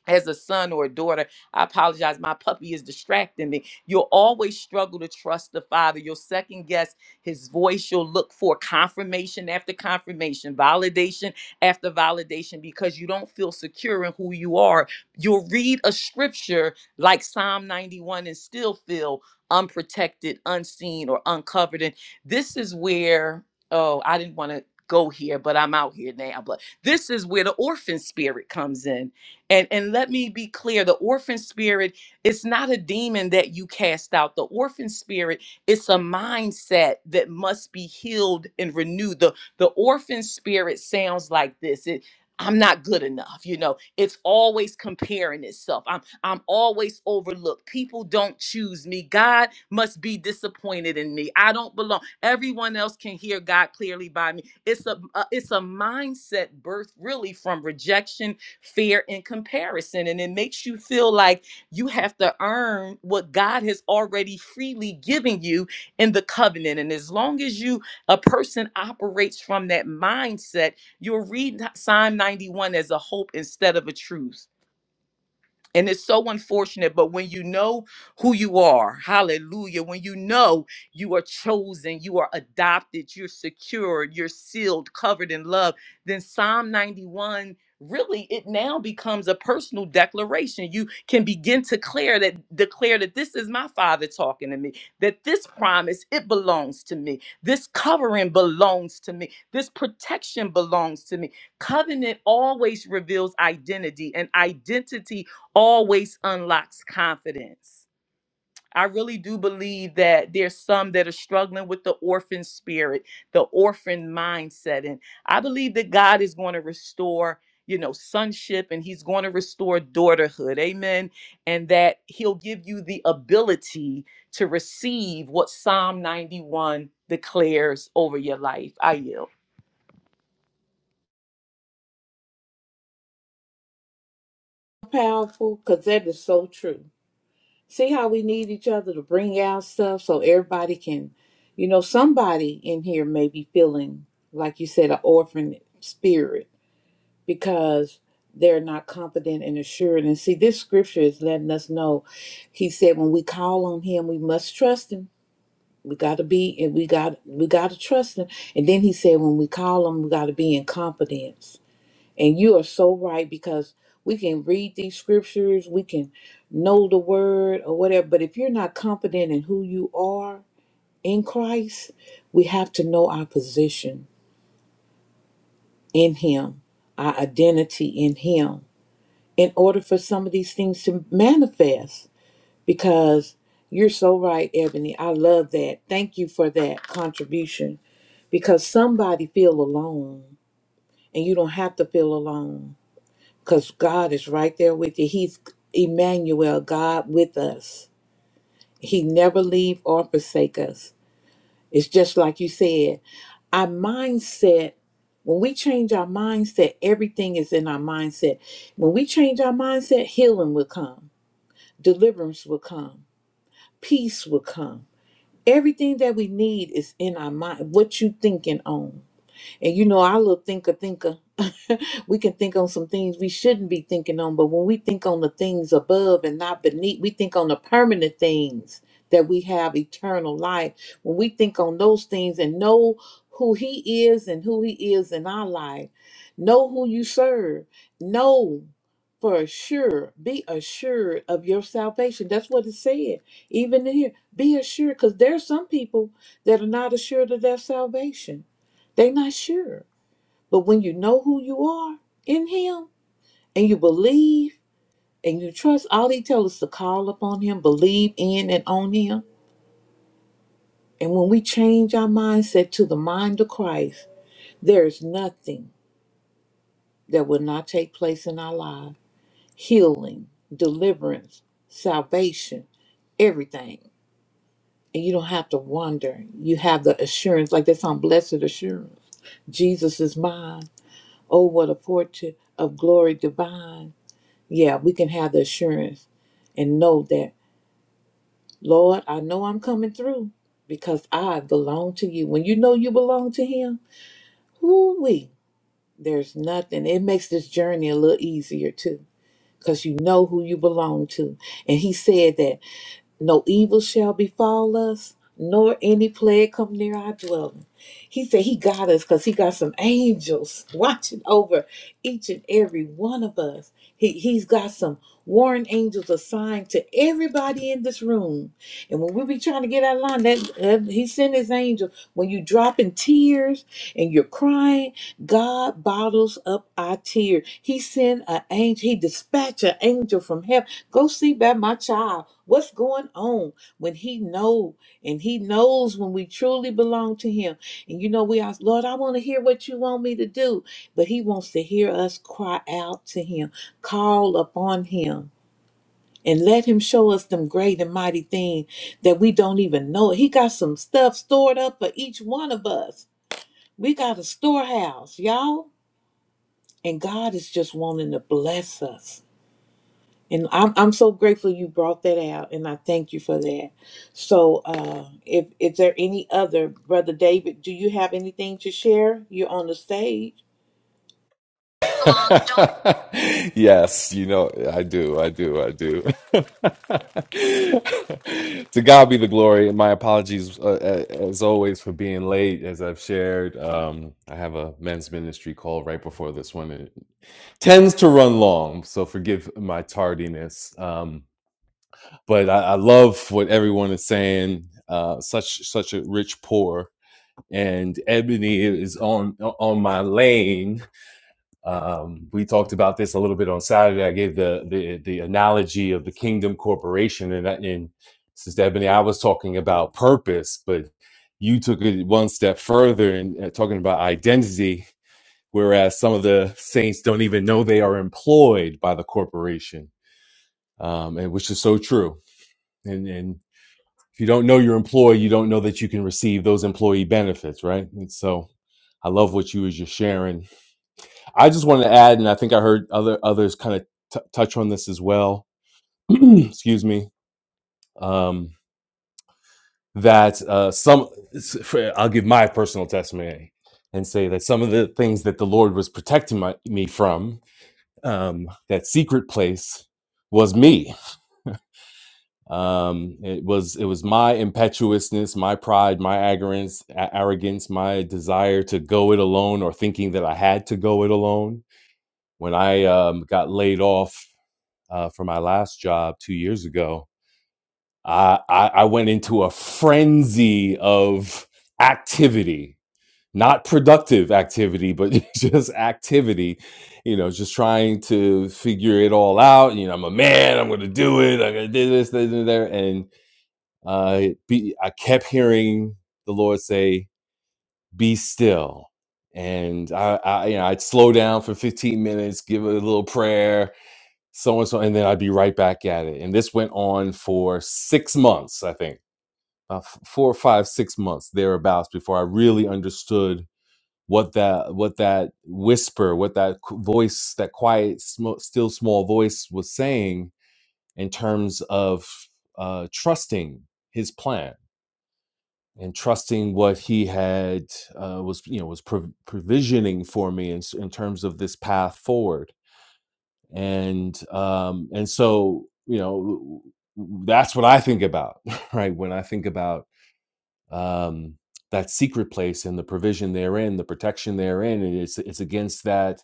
[SPEAKER 7] as a son or a daughter, I apologize, my puppy is distracting me. You'll always struggle to trust the father. You'll second guess his voice. You'll look for confirmation after confirmation, validation after validation, because you don't feel secure in who you are. You'll read a scripture like Psalm 91 and still feel unprotected, unseen, or uncovered. And this is where, oh, I didn't want to go here, but I'm out here now. But this is where the orphan spirit comes in and, and let me be clear the orphan spirit is not a demon that you cast out. The orphan spirit is a mindset that must be healed and renewed. The, the orphan spirit sounds like this it, I'm not good enough. You know, it's always comparing itself. I'm, I'm always overlooked. People don't choose me. God must be disappointed in me. I don't belong. Everyone else can hear God clearly by me. It's a, a it's a mindset birth really from rejection fear and comparison. And it makes you feel like you have to earn what God has already freely given you in the covenant. And as long as you, a person operates from that mindset, you'll read Psalm 91 as a hope instead of a truth and it's so unfortunate, but when you know who you are, hallelujah, when you know you are chosen, you are adopted, you're secured, you're sealed, covered in love, then Psalm 91 really it now becomes a personal declaration. You can begin to declare that declare that this is my father talking to me, that this promise it belongs to me. This covering belongs to me. This protection belongs to me. Covenant always reveals identity and identity always unlocks confidence. I really do believe that there's some that are struggling with the orphan spirit, the orphan mindset. And I believe that God is going to restore, you know, sonship and he's going to restore daughterhood. Amen. And that he'll give you the ability to receive what Psalm 91 declares over your life. I yield.
[SPEAKER 1] Powerful, because that is so true. See how we need each other to bring out stuff so everybody can, you know, somebody in here may be feeling, like you said, an orphan spirit because they're not confident and assured. And see, this scripture is letting us know. He said, when we call on him, we must trust him. We gotta be and we got we gotta trust him. And then he said, when we call him, we gotta be in confidence. And you are so right because we can read these scriptures, we can know the word or whatever, but if you're not confident in who you are in Christ, we have to know our position in him, our identity in him in order for some of these things to manifest because you're so right ebony i love that thank you for that contribution because somebody feel alone and you don't have to feel alone because god is right there with you he's emmanuel god with us he never leave or forsake us it's just like you said our mindset when we change our mindset everything is in our mindset when we change our mindset healing will come deliverance will come, peace will come. Everything that we need is in our mind, what you thinking on. And you know, our little thinker thinker, we can think on some things we shouldn't be thinking on, but when we think on the things above and not beneath, we think on the permanent things that we have eternal life. When we think on those things and know who he is and who he is in our life, know who you serve, know for sure, be assured of your salvation. That's what it said. Even in here, be assured, because there's some people that are not assured of their salvation they're not sure. But when you know who you are in Him and you believe and you trust, all He tells us to call upon Him, believe in and on Him. And when we change our mindset to the mind of Christ, there is nothing that will not take place in our lives healing, deliverance, salvation, everything. And you don't have to wonder. You have the assurance, like that's on blessed assurance. Jesus is mine. Oh, what a fortune of glory divine. yeah, we can have the assurance and know that, Lord, I know I'm coming through because I belong to you. When you know you belong to Him, who we? There's nothing. It makes this journey a little easier too because you know who you belong to. And He said that. No evil shall befall us, nor any plague come near our dwelling. He said he got us because he got some angels watching over each and every one of us. He, he's got some warring angels assigned to everybody in this room and when we be trying to get out of line, that uh, he sent his angel. When you dropping tears and you're crying, God bottles up our tears. He sent an angel. He dispatched an angel from heaven. Go see about my child. What's going on when he know and he knows when we truly belong to him. And you know, we ask, Lord, I want to hear what you want me to do. But he wants to hear us cry out to him, call upon him and let him show us them great and mighty things that we don't even know. He got some stuff stored up for each one of us. We got a storehouse, y'all. And God is just wanting to bless us. And I'm, I'm so grateful you brought that out, and I thank you for that. So, uh, if is there any other brother David? Do you have anything to share? You're on the stage.
[SPEAKER 8] Yes, you know, I do, I do, I do. To God be the glory. And my apologies, uh, a- as always, for being late. As I've shared, um, I have a men's ministry call right before this one, and it tends to run long. So forgive my tardiness. Um, but I, I love what everyone is saying. Uh, such such a rich pour, and Ebony is on on my lane um, we talked about this a little bit on Saturday. I gave the the, the analogy of the Kingdom Corporation, and, I- and Sister Ebony, I was talking about purpose, but you took it one step further and uh, talking about identity. Whereas some of the saints don't even know they are employed by the corporation, um, and which is so true. And and if you don't know your employer, you don't know that you can receive those employee benefits, right? And so, I love what you was just sharing I just wanted to add, and I think I heard other others kind of t- touch on this as well. excuse me. Um, that uh, some, I'll give my personal testimony and say that some of the things that the Lord was protecting my, me from, um, that secret place, was me. Um, it was it was my impetuousness, my pride, my arrogance, a- arrogance, my desire to go it alone, or thinking that I had to go it alone. When I um, got laid off uh, for my last job two years ago, I, I, I went into a frenzy of activity, not productive activity, but just activity, you know, just trying to figure it all out. You know, I'm a man, I'm going to do it, I'm going to do this, this, and there. And uh, it be, I kept hearing the Lord say, be still. And I, I, you know, I'd slow down for 15 minutes, give it a little prayer, so and so, and then I'd be right back at it. And this went on for six months, I think, uh, f- four, five, six months thereabouts before I really understood what that what that whisper, what that qu- voice, that quiet, sm- still small voice was saying in terms of uh, trusting his plan and trusting what he had uh, was you know was prov provisioning for me in, s- in terms of this path forward and um and so you know that's what i think about right when i think about um, that secret place and the provision therein, the protection therein, and it's it's against that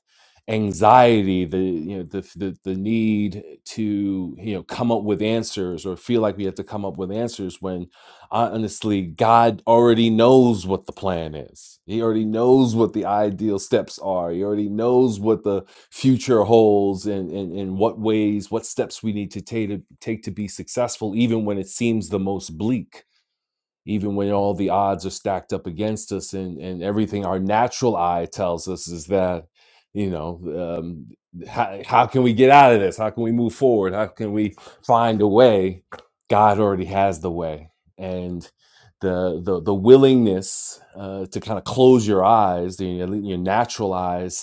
[SPEAKER 8] anxiety, the you know the the, the need to you know come up with answers or feel like we have to come up with answers when honestly God already knows what the plan is. He already knows what the ideal steps are. He already knows what the future holds and and, and what ways, what steps we need to take to take to be successful, even when it seems the most bleak even when all the odds are stacked up against us and, and everything our natural eye tells us is that you know um, how, how can we get out of this how can we move forward how can we find a way god already has the way and the the, the willingness uh, to kind of close your eyes your, your natural eyes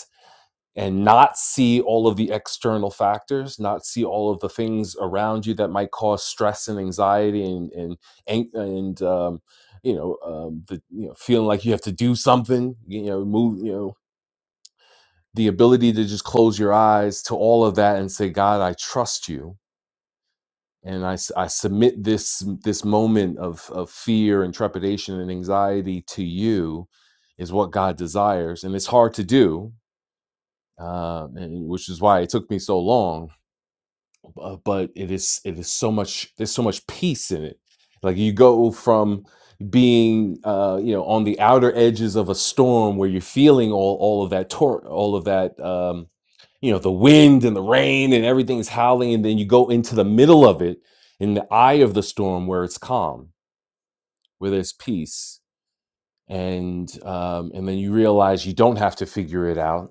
[SPEAKER 8] and not see all of the external factors, not see all of the things around you that might cause stress and anxiety and and an- and um, you know um, the you know feeling like you have to do something, you know, move, you know, the ability to just close your eyes to all of that and say, God, I trust you. And I, s- I submit this this moment of, of fear and trepidation and anxiety to you is what God desires. And it's hard to do, uh, and, which is why it took me so long uh, but it is it is so much there's so much peace in it like you go from being uh you know on the outer edges of a storm where you're feeling all all of that tor- all of that um you know the wind and the rain and everything's howling and then you go into the middle of it in the eye of the storm where it's calm where there's peace and um and then you realize you don't have to figure it out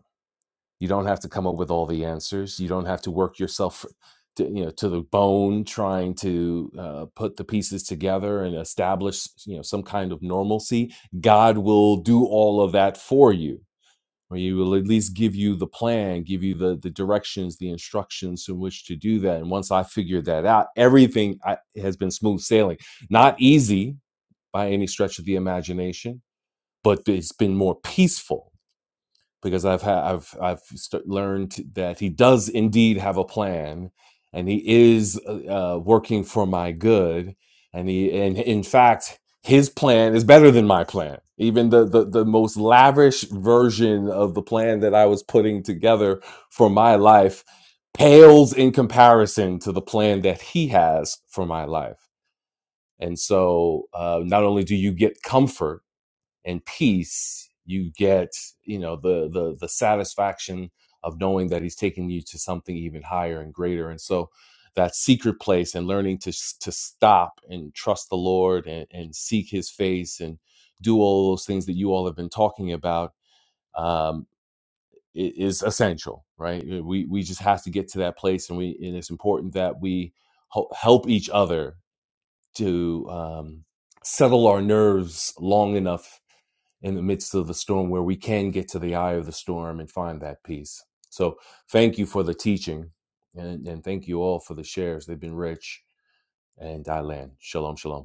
[SPEAKER 8] you don't have to come up with all the answers. You don't have to work yourself to, you know to the bone trying to uh, put the pieces together and establish you know some kind of normalcy. God will do all of that for you, or He will at least give you the plan, give you the the directions, the instructions in which to do that. And once I figured that out, everything I, has been smooth sailing. Not easy by any stretch of the imagination, but it's been more peaceful because I've had I've I've st- learned that he does indeed have a plan, and he is uh, uh, working for my good, and he and in fact his plan is better than my plan. Even the, the the most lavish version of the plan that I was putting together for my life pales in comparison to the plan that he has for my life. And so, uh, not only do you get comfort and peace you get you know the the the satisfaction of knowing that he's taking you to something even higher and greater and so that secret place and learning to s- to stop and trust the lord and, and seek his face and do all those things that you all have been talking about um i- is essential right Uh, we we just have to get to that place and we and it's important that we hel- help each other to um settle our nerves long enough in the midst of the storm where we can get to the eye of the storm and find that peace. So thank you for the teaching and, and thank you all for the shares. They've been rich and I land. Shalom, shalom.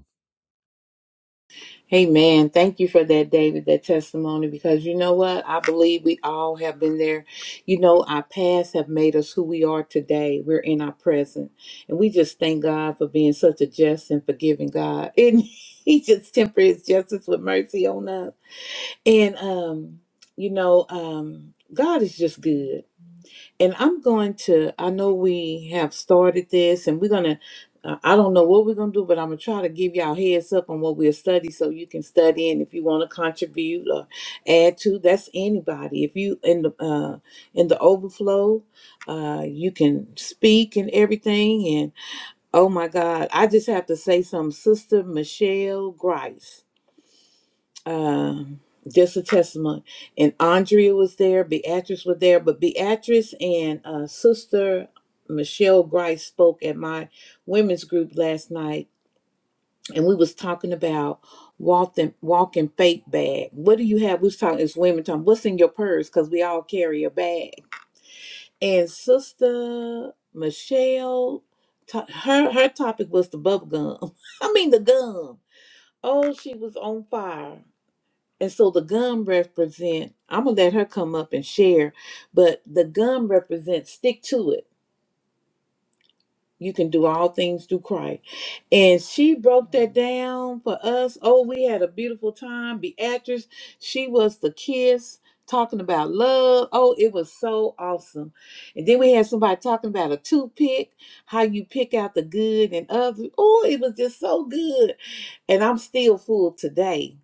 [SPEAKER 1] Amen. Thank you for that, David, that testimony, because you know what? I believe we all have been there. You know, our past have made us who we are today. We're in our present. And we just thank God for being such a just and forgiving God. And he just temper his justice with mercy on us. And um, you know, um, God is just good and I'm going to, I know we have started this and we're going to, uh, I don't know what we're going to do, but I'm going to try to give y'all heads up on what we'll study so you can study. And if you want to contribute or add to, that's anybody. If you in the, uh, in the overflow, uh, you can speak and everything. And oh my God, I just have to say something, Sister Michelle Grice um, just a testimony. And Andrea was there, Beatrice was there, but Beatrice and uh, Sister Michelle Grice spoke at my women's group last night, and we was talking about walking walking fake bag. What do you have? We was talking as women talking. What's in your purse? Because we all carry a bag. And Sister Michelle, to- her her topic was the bubble gum. I mean the gum. Oh, she was on fire. And so the gum represent, I'm gonna let her come up and share, but the gum represents stick to it. You can do all things through Christ. And she broke that down for us. Oh, we had a beautiful time. Beatrice, she was the kiss, talking about love. Oh, it was so awesome. And then we had somebody talking about a toothpick, how you pick out the good and others. Oh, it was just so good. And I'm still full today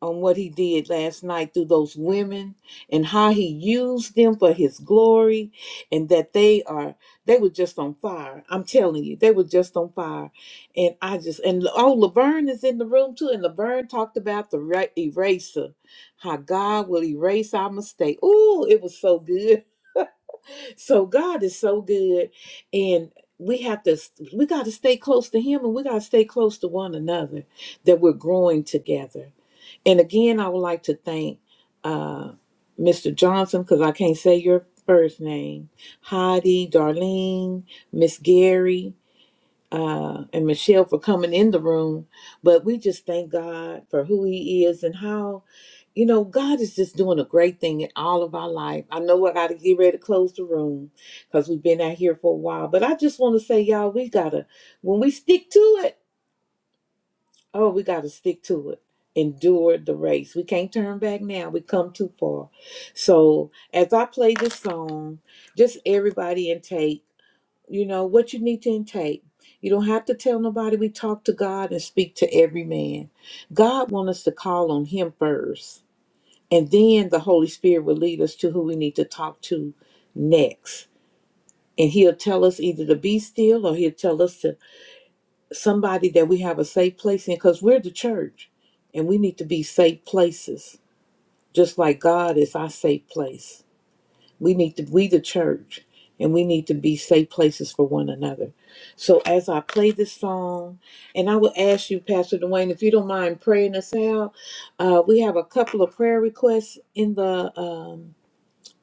[SPEAKER 1] on what he did last night through those women and how he used them for his glory and that they are they were just on fire i'm telling you they were just on fire and i just and oh laverne is in the room too and laverne talked about the ra- eraser how god will erase our mistake Ooh, it was so good so god is so good and we have to we got to stay close to him and we got to stay close to one another that we're growing together and again, I would like to thank uh, Mr. Johnson because I can't say your first name, Heidi, Darlene, Miss Gary, uh, and Michelle for coming in the room. But we just thank God for who He is and how, you know, God is just doing a great thing in all of our life. I know I got to get ready to close the room because we've been out here for a while. But I just want to say, y'all, we got to, when we stick to it, Oh, we got to stick to it. Endure the race. We can't turn back now. We come too far. So, as I play this song, just everybody intake, you know, what you need to intake. You don't have to tell nobody. We talk to God and speak to every man. God wants us to call on Him first, and then the Holy Spirit will lead us to who we need to talk to next. And He'll tell us either to be still or He'll tell us to somebody that we have a safe place in because we're the church and we need to be safe places just like god is our safe place we need to we the church and we need to be safe places for one another so as i play this song and i will ask you pastor dwayne if you don't mind praying us out uh, we have a couple of prayer requests in the um,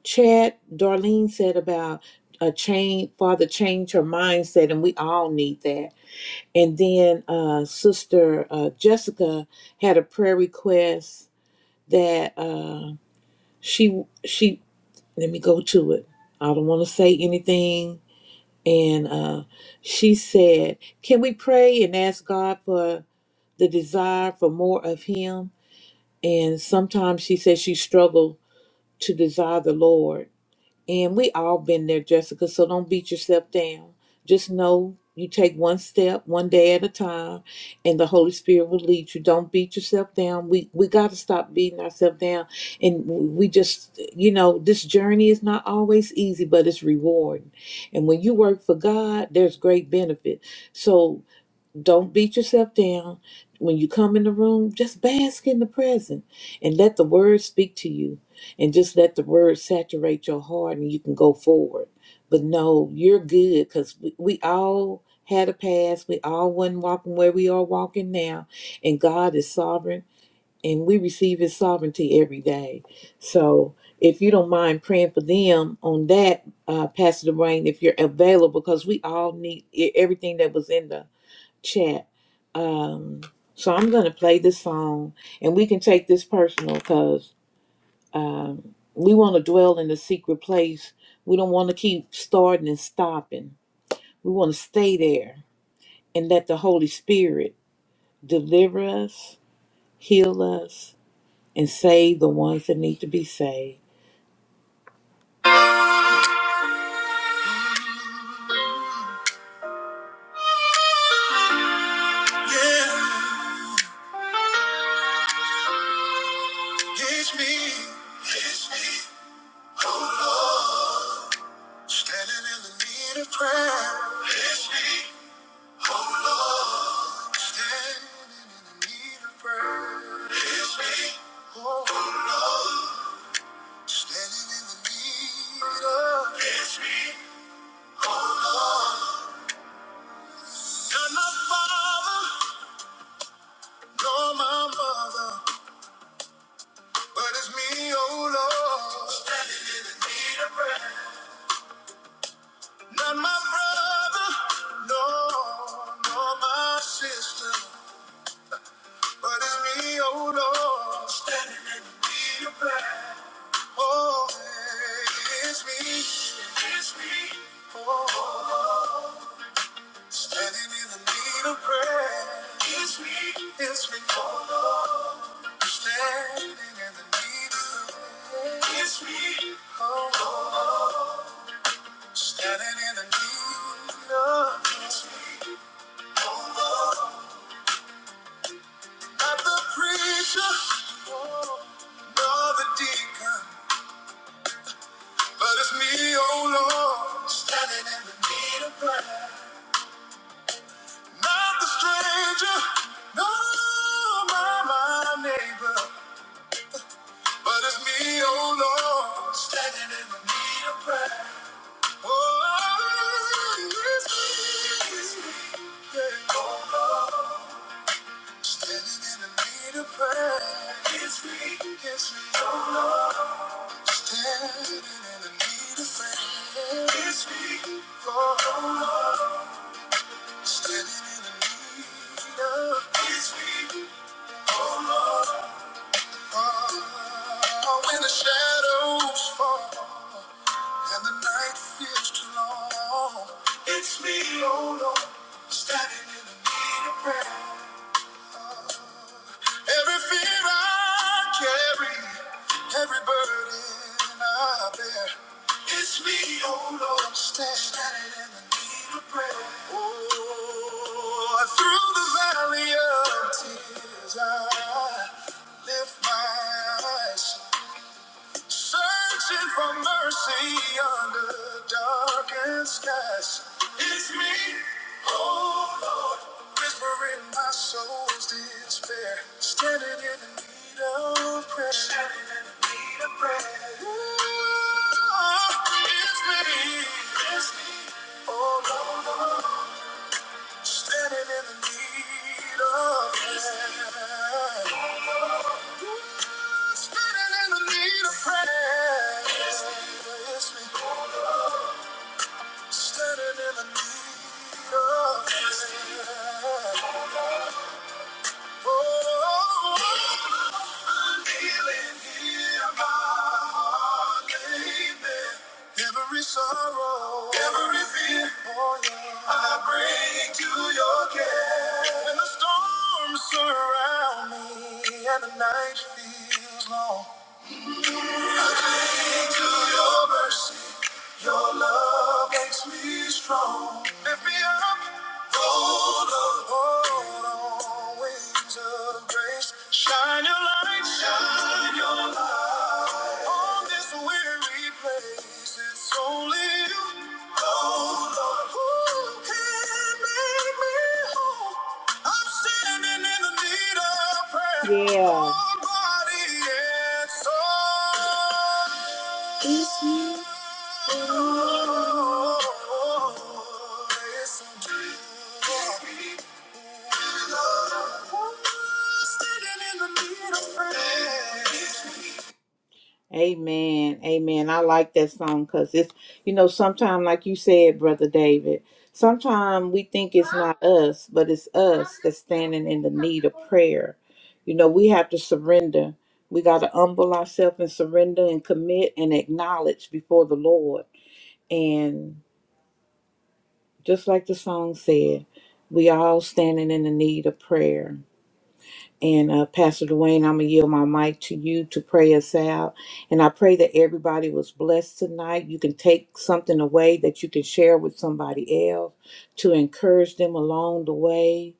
[SPEAKER 1] chat darlene said about a change father change her mindset and we all need that and then uh, Sister uh, Jessica had a prayer request that uh, she she let me go to it. I don't want to say anything. And uh, she said, "Can we pray and ask God for the desire for more of Him?" And sometimes she said she struggled to desire the Lord And we all been there, Jessica, so don't beat yourself down. Just know you take one step, one day at a time, and the Holy Spirit will lead you. Don't beat yourself down. We we got to stop beating ourselves down. And we just, you know, this journey is not always easy, but it's rewarding. And when you work for God, there's great benefit. So don't beat yourself down. When you come in the room, just bask in the present and let the word speak to you and just let the word saturate your heart and you can go forward. But no, you're good because we, we all had a past. We all wasn't walking where we are walking now. And God is sovereign and we receive his sovereignty every day. So if you don't mind praying for them on that, uh, Pastor Dwayne, if you're available, because we all need e- everything that was in the chat. Um, so I'm going to play this song, and we can take this personal because um, we want to dwell in the secret place. We don't want to keep starting and stopping. We want to stay there and let the Holy Spirit deliver us, heal us, and save the ones that need to be saved. Yeah, it's me. It's me. Oh Lord, standing in the need of prayer. It's me. Oh Lord, standing in the need of prayer. It's me. Oh Lord, standing in the need of. It's me. Oh Lord, not my father, nor my mother, but it's me. Oh Lord, standing in the need of prayer. Not my brother, no, nor my sister, but it's me. Oh Lord, standing in the need of prayer. Oh, it's me. It's me. Oh, standing in the need of prayer. It's me. It's me. Oh, standing in the need of prayer. It's me. Oh, standing in the need of prayer. It's me. Oh, not the preacher, oh, nor the deacon, but it's me, oh Lord, standing in the need of prayer. Not the stranger, no, my, my neighbor, but it's me, oh Lord, standing in the need of prayer. Oh, it's me, it's me, yeah. oh Lord, standing in the need of prayer. It's me, it's me, oh Lord, standing in the need of prayer. It's me, oh Lord. Standing in the need of His feet, oh Lord. Oh, when the shadows fall and the night feels too long, it's me, oh Lord, standing in the need of prayer. Every fear I carry, every burden I bear. It's me, oh Lord, stand- standing in the need of prayer. Oh, through the valley of tears, I lift my eyes, searching for mercy under darkened skies. It's me. Whispering my soul's despair. Standing in the need of prayer. Standing in the need of prayer. Ooh, it's me. It's me. Oh, Lord. Standing in the need of prayer. Standing in the need of prayer. It's me. Standing in the need of prayer. Every sorrow, every fear, oh yeah, I bring to your care. When the storms surround me and the night feels long, to your mercy. Your love makes me strong. Lift me up. Hold on. Hold on. Wings of grace. Shine your light. Shine your light. On this weary place. It's only you. Hold on. Who can make yeah. Standing in the need of prayer. Amen. Amen. I like that song because it's, you know, sometimes, like you said, Brother David, sometimes we think it's not us, but it's us that's standing in the need of prayer. You know, we have to surrender. We got to humble ourselves and surrender and commit and acknowledge before the Lord. And just like the song said, we all standing in the need of prayer. And uh, Pastor Dwayne, I'm going to yield my mic to you to pray us out. And I pray that everybody was blessed tonight. You can take something away that you can share with somebody else to encourage them along the way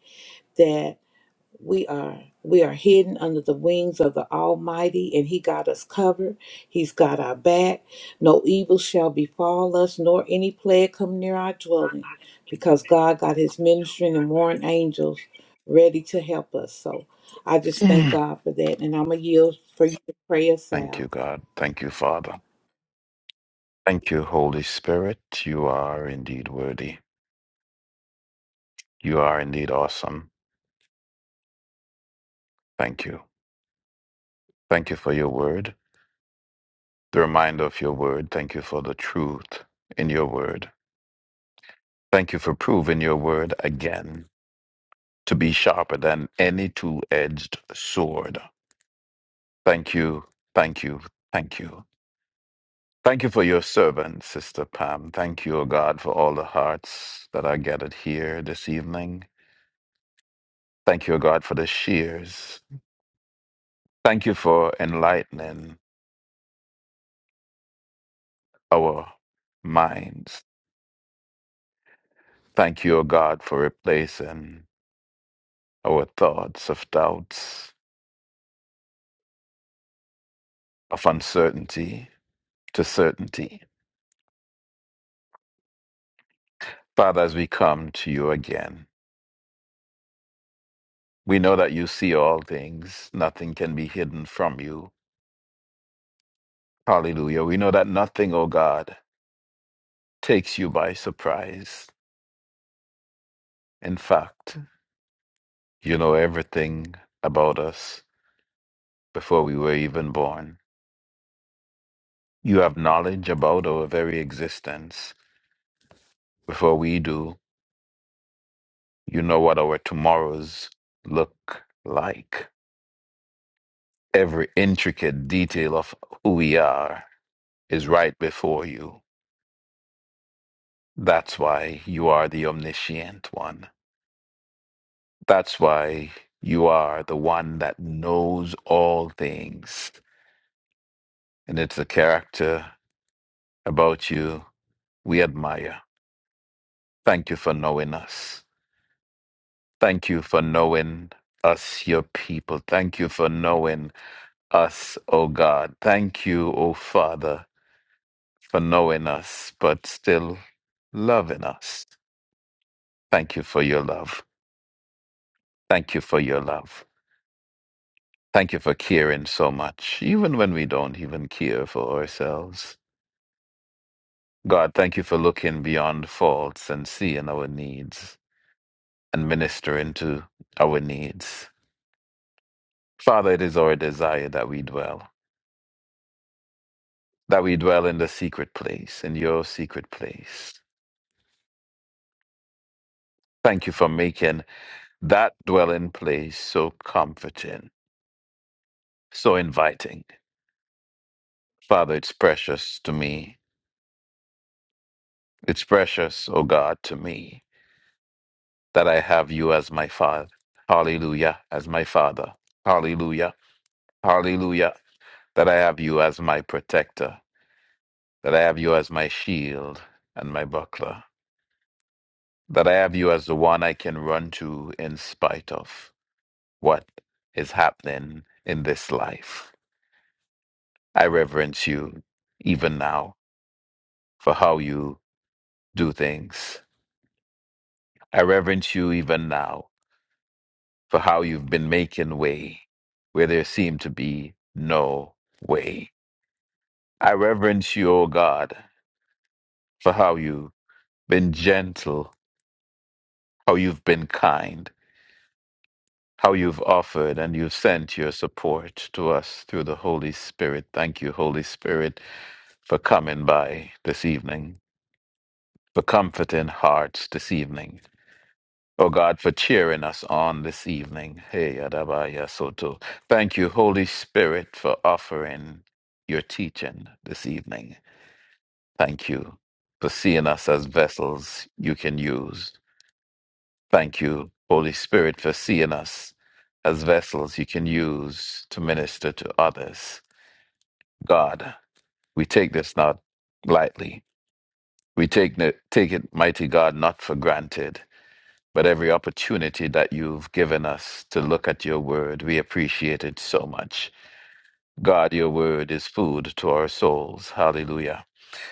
[SPEAKER 1] we are we are hidden under the wings of the almighty and he got us covered he's got our back no evil shall befall us nor any plague come near our dwelling because god got his ministering and warring angels ready to help us so i just thank
[SPEAKER 3] Mm.
[SPEAKER 1] god for that and i'm gonna yield for you to pray us
[SPEAKER 3] Thank
[SPEAKER 1] out
[SPEAKER 3] you, God. Thank you, Father. Thank you, Holy Spirit. You are indeed worthy. You are indeed awesome. Thank you. Thank you for your word, the reminder of your word. Thank you for the truth in your word. Thank you for proving your word again to be sharper than any two edged sword. Thank you, thank you, thank you. Thank you for your servant, Sister Pam. Thank you, O God, for all the hearts that are gathered here this evening. Thank you, O God, for the shears. Thank you for enlightening our minds. Thank you, O God, for replacing our thoughts of doubts, of uncertainty to certainty. Father, as we come to you again, we know that you see all things. Nothing can be hidden from you. Hallelujah. We know that nothing, O God, takes you by surprise. In fact, you know everything about us before we were even born. You have knowledge about our very existence. Before we do, you know what our tomorrows look like. Every intricate detail of who we are is right before you. That's why you are the omniscient one. That's why you are the one that knows all things. And it's a character about you we admire. Thank you for knowing us. Thank you for knowing us, your people. Thank you for knowing us, O God. Thank you, O Father, for knowing us, but still loving us. Thank you for your love. Thank you for your love. Thank you for caring so much, even when we don't even care for ourselves. God, thank you for looking beyond faults and seeing our needs and ministering to our needs. Father, it is our desire that we dwell, that we dwell in the secret place, in your secret place. Thank you for making that dwelling place so comforting, so inviting. Father, it's precious to me. It's precious, oh God, to me. that I have you as my father. Hallelujah, as my father. Hallelujah, hallelujah, that I have you as my protector, that I have you as my shield and my buckler, that I have you as the one I can run to in spite of what is happening in this life. I reverence you even now for how you do things. I reverence you even now for how you've been making way where there seemed to be no way. I reverence you, O God, for how you've been gentle, how you've been kind, how you've offered and you've sent your support to us through the Holy Spirit. Thank you, Holy Spirit, for coming by this evening, for comforting hearts this evening. O God, for cheering us on this evening. Hey, Adabaya Soto. Thank you, Holy Spirit, for offering your teaching this evening. Thank you for seeing us as vessels you can use. Thank you, Holy Spirit, for seeing us as vessels you can use to minister to others. God, we take this not lightly. We take, it- take it, mighty God, not for granted, but every opportunity that you've given us to look at your word, we appreciate it so much. God, your word is food to our souls. Hallelujah.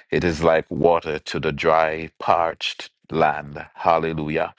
[SPEAKER 3] It is like water to the dry, parched land. Hallelujah.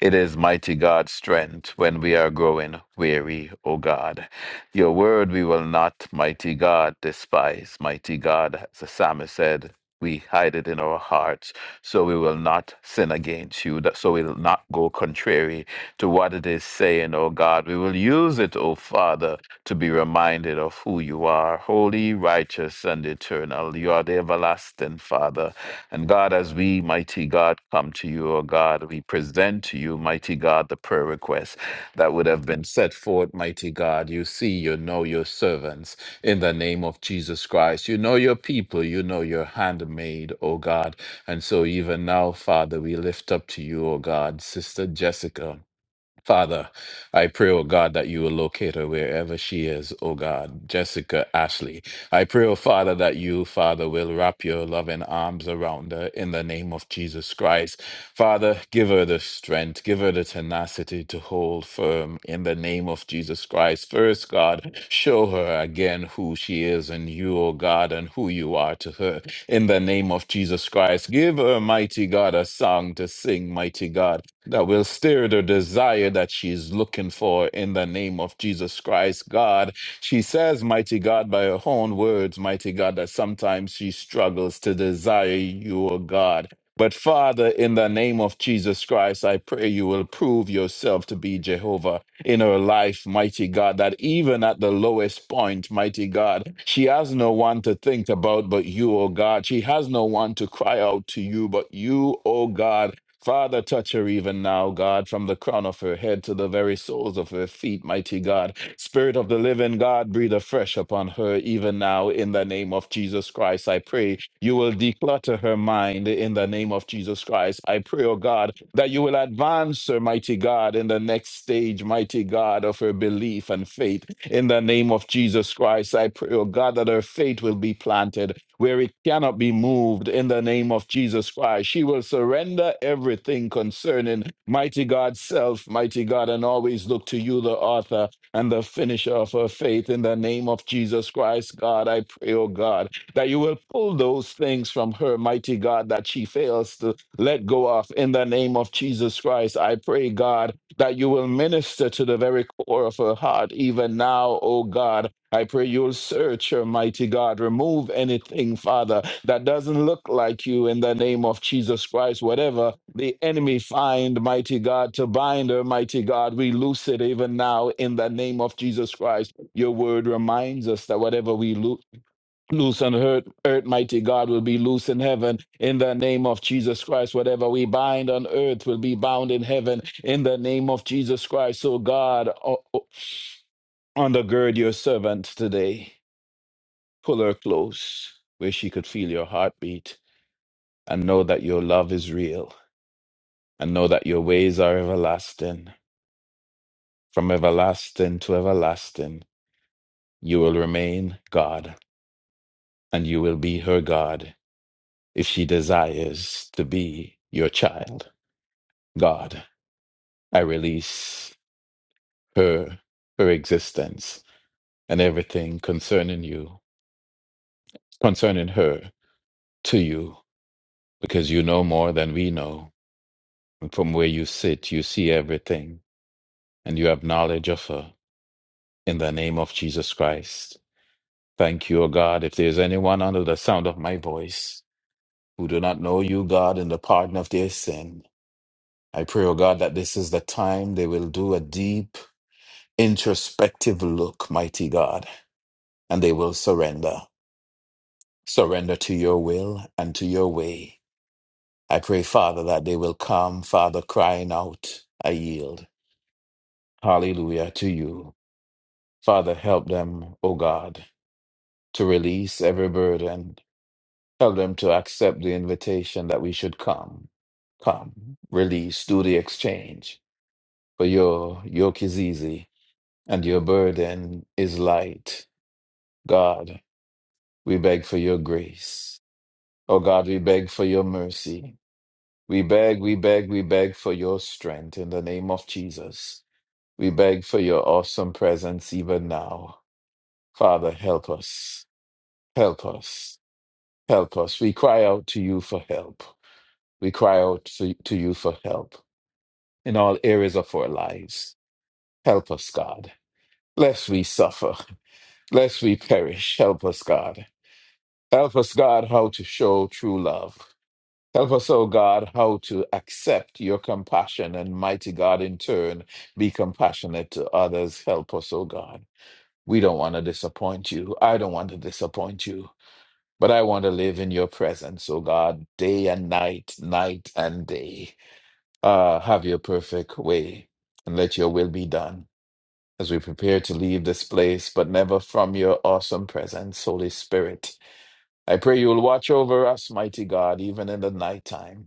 [SPEAKER 3] It is mighty God's strength when we are growing weary, O God. Your word we will not, mighty God, despise. Mighty God, as the psalmist said, we hide it in our hearts so we will not sin against you, that so we will not go contrary to what it is saying, O God. We will use it, O Father, to be reminded reminded of who you are holy, righteous, and eternal. You are the everlasting Father. And God, as we, mighty God, come to you, O God, we present to you, mighty God, the prayer requests that would have been set forth, mighty God. You see, you know your servants in the name of Jesus Christ. You know your people, you know your handmaid, O God. And so even now, Father, we lift up to you, O God, Sister Jessica. Father, I pray, oh God, that you will locate her wherever she is, oh God, Jessica Ashley. I pray, oh Father, that you, Father, will wrap your loving arms around her in the name of Jesus Christ. Father, give her the strength, give her the tenacity to hold firm in the name of Jesus Christ. First, God, show her again who she is and you, oh God, and who you are to her in the name of Jesus Christ. Give her, mighty God, a song to sing, mighty God that will stir the desire that she's looking for in the name of Jesus Christ, God. She says, Mighty God, by her own words, Mighty God, that sometimes she struggles to desire you, O God. But Father, in the name of Jesus Christ, I pray you will prove yourself to be Jehovah in her life, mighty God, that even at the lowest point, mighty God, she has no one to think about but you, O God. She has no one to cry out to you but you, O God. Father, touch her even now, God, from the crown of her head to the very soles of her feet, mighty God. Spirit of the living God, breathe afresh upon her even now in the name of Jesus Christ. I pray you will declutter her mind in the name of Jesus Christ. I pray, oh God, that you will advance her, mighty God, in the next stage, mighty God, of her belief and faith in the name of Jesus Christ. I pray, oh God, that her faith will be planted where it cannot be moved in the name of Jesus Christ. She will surrender everything concerning mighty God's self, mighty God, and always look to you, the author and the finisher of her faith in the name of Jesus Christ. God, I pray, oh God, that you will pull those things from her, mighty God, that she fails to let go of in the name of Jesus Christ. I pray, God, that you will minister to the very core of her heart, even now, oh God, I pray you'll search, Almighty God. Remove anything, Father, that doesn't look like you in the name of Jesus Christ. Whatever the enemy find, mighty God, to bind, Almighty God, we loose it even now in the name of Jesus Christ. Your word reminds us that whatever we loo- loose on earth, earth, mighty God, will be loose in heaven in the name of Jesus Christ. Whatever we bind on earth will be bound in heaven in the name of Jesus Christ. So, God, o- o- undergird your servant today. Pull her close where she could feel your heartbeat and know that your love is real and know that your ways are everlasting. From everlasting to everlasting, you will remain God and you will be her God if she desires to be your child. God, I release her, her existence, and everything concerning you, concerning her to you, because you know more than we know. And from where you sit, you see everything. and you have knowledge of her in the name of Jesus Christ. Thank you, O God. If there is anyone under the sound of my voice who do not know you, God, in the pardon of their sin, I pray, O God, that this is the time they will do a deep introspective look, mighty God, and they will surrender. Surrender to your will and to your way. I pray, Father, that they will come, Father, crying out, I yield. Hallelujah to you. Father, help them, O God to release every burden, tell them to accept the invitation that we should come, come, release, do the exchange. For your yoke is easy and your burden is light. God, we beg for your grace. Oh God, we beg for your mercy. We beg, we beg, we beg for your strength in the name of Jesus. We beg for your awesome presence even now. Father, help us, help us, help us. We cry out to you for help. We cry out to, to you for help in all areas of our lives. Help us, God, lest we suffer, lest we perish. Help us, God. Help us, God, how to show true love. Help us, O God, how to accept your compassion and mighty God in turn be compassionate to others. Help us, O God. We don't want to disappoint you. I don't want to disappoint you, but I want to live in your presence, O God, day and night, night and day. Uh, have your perfect way and let your will be done as we prepare to leave this place, but never from your awesome presence, Holy Spirit. I pray you will watch over us, mighty God, even in the nighttime.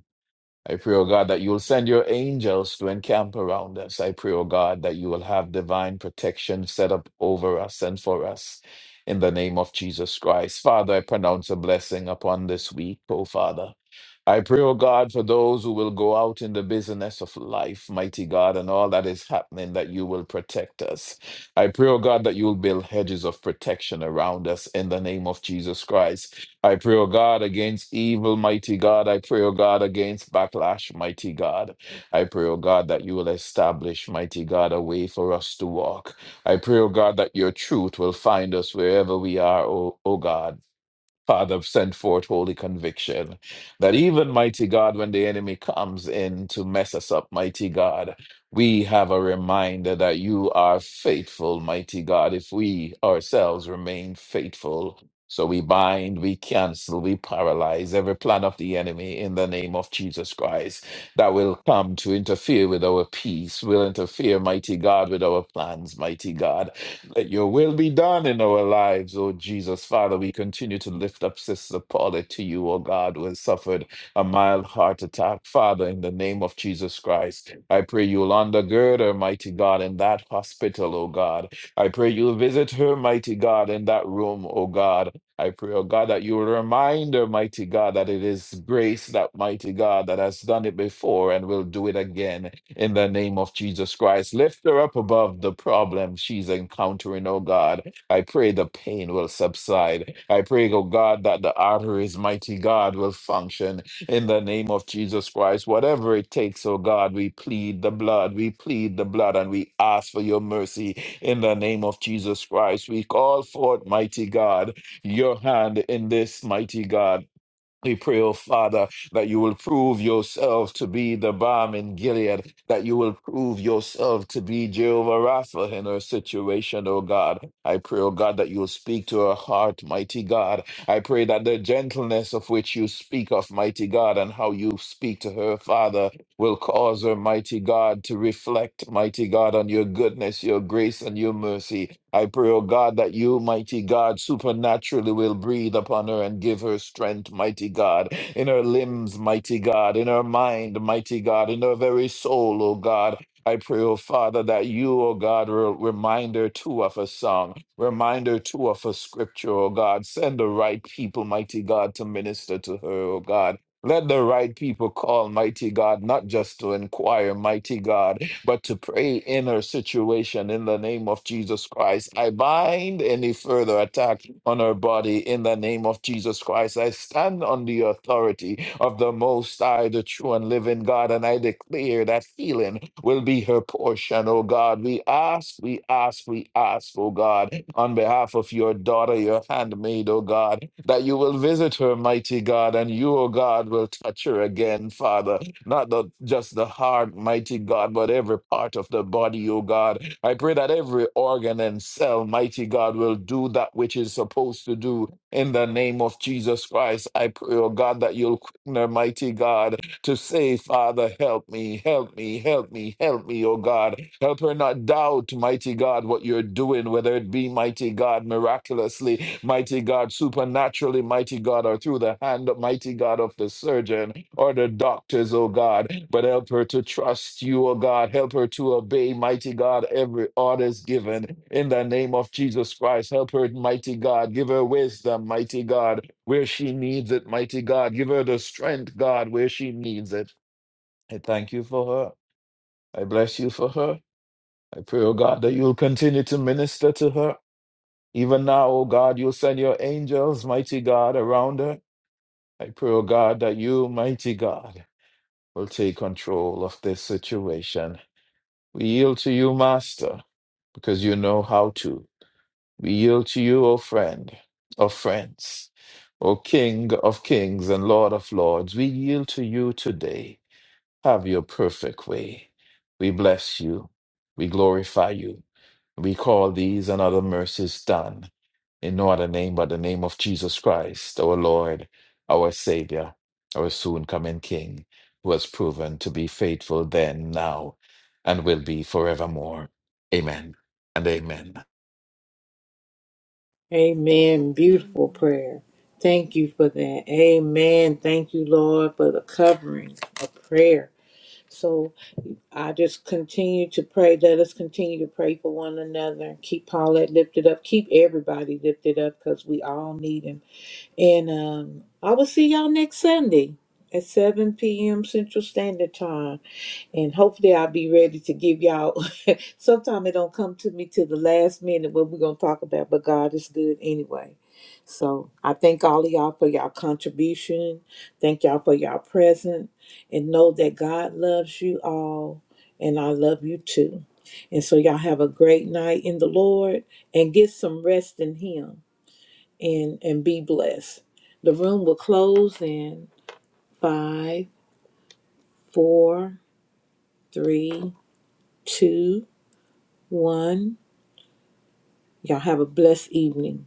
[SPEAKER 3] I pray, O God, that you will send your angels to encamp around us. I pray, O God, that you will have divine protection set up over us and for us in the name of Jesus Christ. Father, I pronounce a blessing upon this week, O Father. I pray, O God, for those who will go out in the business of life, mighty God, and all that is happening, that you will protect us. I pray, O God, that you will build hedges of protection around us in the name of Jesus Christ. I pray, O God, against evil, mighty God. I pray, O God, against backlash, mighty God. I pray, O God, that you will establish, mighty God, a way for us to walk. I pray, O God, that your truth will find us wherever we are, O, o God. Father, send forth holy conviction. That even, mighty God, when the enemy comes in to mess us up, mighty God, we have a reminder that you are faithful, mighty God, if we ourselves remain faithful. So we bind, we cancel, we paralyze every plan of the enemy in the name of Jesus Christ that will come to interfere with our peace, will interfere, mighty God, with our plans, mighty God. Let your will be done in our lives, O Jesus. Father, we continue to lift up Sister Paula to you, O God, who has suffered a mild heart attack. Father, in the name of Jesus Christ, I pray you'll undergird her, mighty God, in that hospital, O God. I pray you'll visit her, mighty God, in that room, O God. I pray, oh God, that you will remind her, mighty God, that it is grace, that mighty God, that has done it before and will do it again in the name of Jesus Christ. Lift her up above the problem she's encountering, oh God. I pray the pain will subside. I pray, oh God, that the arteries, mighty God, will function in the name of Jesus Christ. Whatever it takes, oh God, we plead the blood, we plead the blood, and we ask for your mercy in the name of Jesus Christ. We call forth, mighty God, your hand in this, mighty God. We pray, oh Father, that you will prove yourself to be the balm in Gilead, that you will prove yourself to be Jehovah Rapha in her situation, oh God. I pray, oh God, that you will speak to her heart, mighty God. I pray that the gentleness of which you speak of, mighty God, and how you speak to her, Father, will cause her, mighty God, to reflect, mighty God, on your goodness, your grace, and your mercy. I pray, O God, that you, mighty God, supernaturally will breathe upon her and give her strength, mighty God, in her limbs, mighty God, in her mind, mighty God, in her very soul, O God. I pray, O Father, that you, O God, will remind her too of a song, remind her too of a scripture, O God. Send the right people, mighty God, to minister to her, O God. Let the right people call, mighty God, not just to inquire, mighty God, but to pray in her situation in the name of Jesus Christ. I bind any further attack on her body in the name of Jesus Christ. I stand on the authority of the Most High, the true and living God, and I declare that healing will be her portion, oh God. We ask, we ask, we ask, oh God, on behalf of your daughter, your handmaid, oh God, that you will visit her, mighty God, and you, oh God, will touch her again, Father not the just the heart, mighty God, but every part of the body, oh God. I pray that every organ and cell, mighty God, will do that which is supposed to do in the name of Jesus Christ. I pray, oh God, that you'll quicken her, mighty God, to say, Father, help me, help me, help me, help me, oh God. Help her not doubt, mighty God, what you're doing, whether it be, mighty God, miraculously, mighty God, supernaturally, mighty God, or through the hand, mighty God, of the surgeon or the doctors, oh God, but help her to trust you, oh God. Help her to obey, mighty God, every order is given in the name of Jesus Christ. Help her, mighty God. Give her wisdom, mighty God, where she needs it, mighty God. Give her the strength, God, where she needs it. I thank you for her. I bless you for her. I pray, oh God, that you'll continue to minister to her. Even now, oh God, you'll send your angels, mighty God, around her. I pray, oh God, that you, mighty God, will take control of this situation. We yield to you, Master, because you know how to. We yield to you, O friend, O friends, O King of kings and Lord of lords. We yield to you today. Have your perfect way. We bless you. We glorify you. We call these and other mercies done in no other name but the name of Jesus Christ, our Lord, our Savior, our soon coming King, who has proven to be faithful then, now, and will be forevermore. Amen and amen.
[SPEAKER 1] amen beautiful
[SPEAKER 2] Amen.
[SPEAKER 1] prayer thank you for that amen thank you lord for the covering of prayer So I just continue to pray. Let us continue to pray for one another. Keep Paulette lifted up. Keep everybody lifted up because we all need him. And um, I will see y'all next Sunday at 7 p.m. Central Standard Time. And hopefully I'll be ready to give y'all. Sometime it don't come to me till the last minute what we're going to talk about. But God is good anyway. So I thank all of y'all for y'all contribution. Thank y'all for y'all presence and know that God loves you all and I love you too. And so y'all have a great night in the Lord and get some rest in him and and be blessed. The room will close in five, four, three, two, one. Y'all have a blessed evening.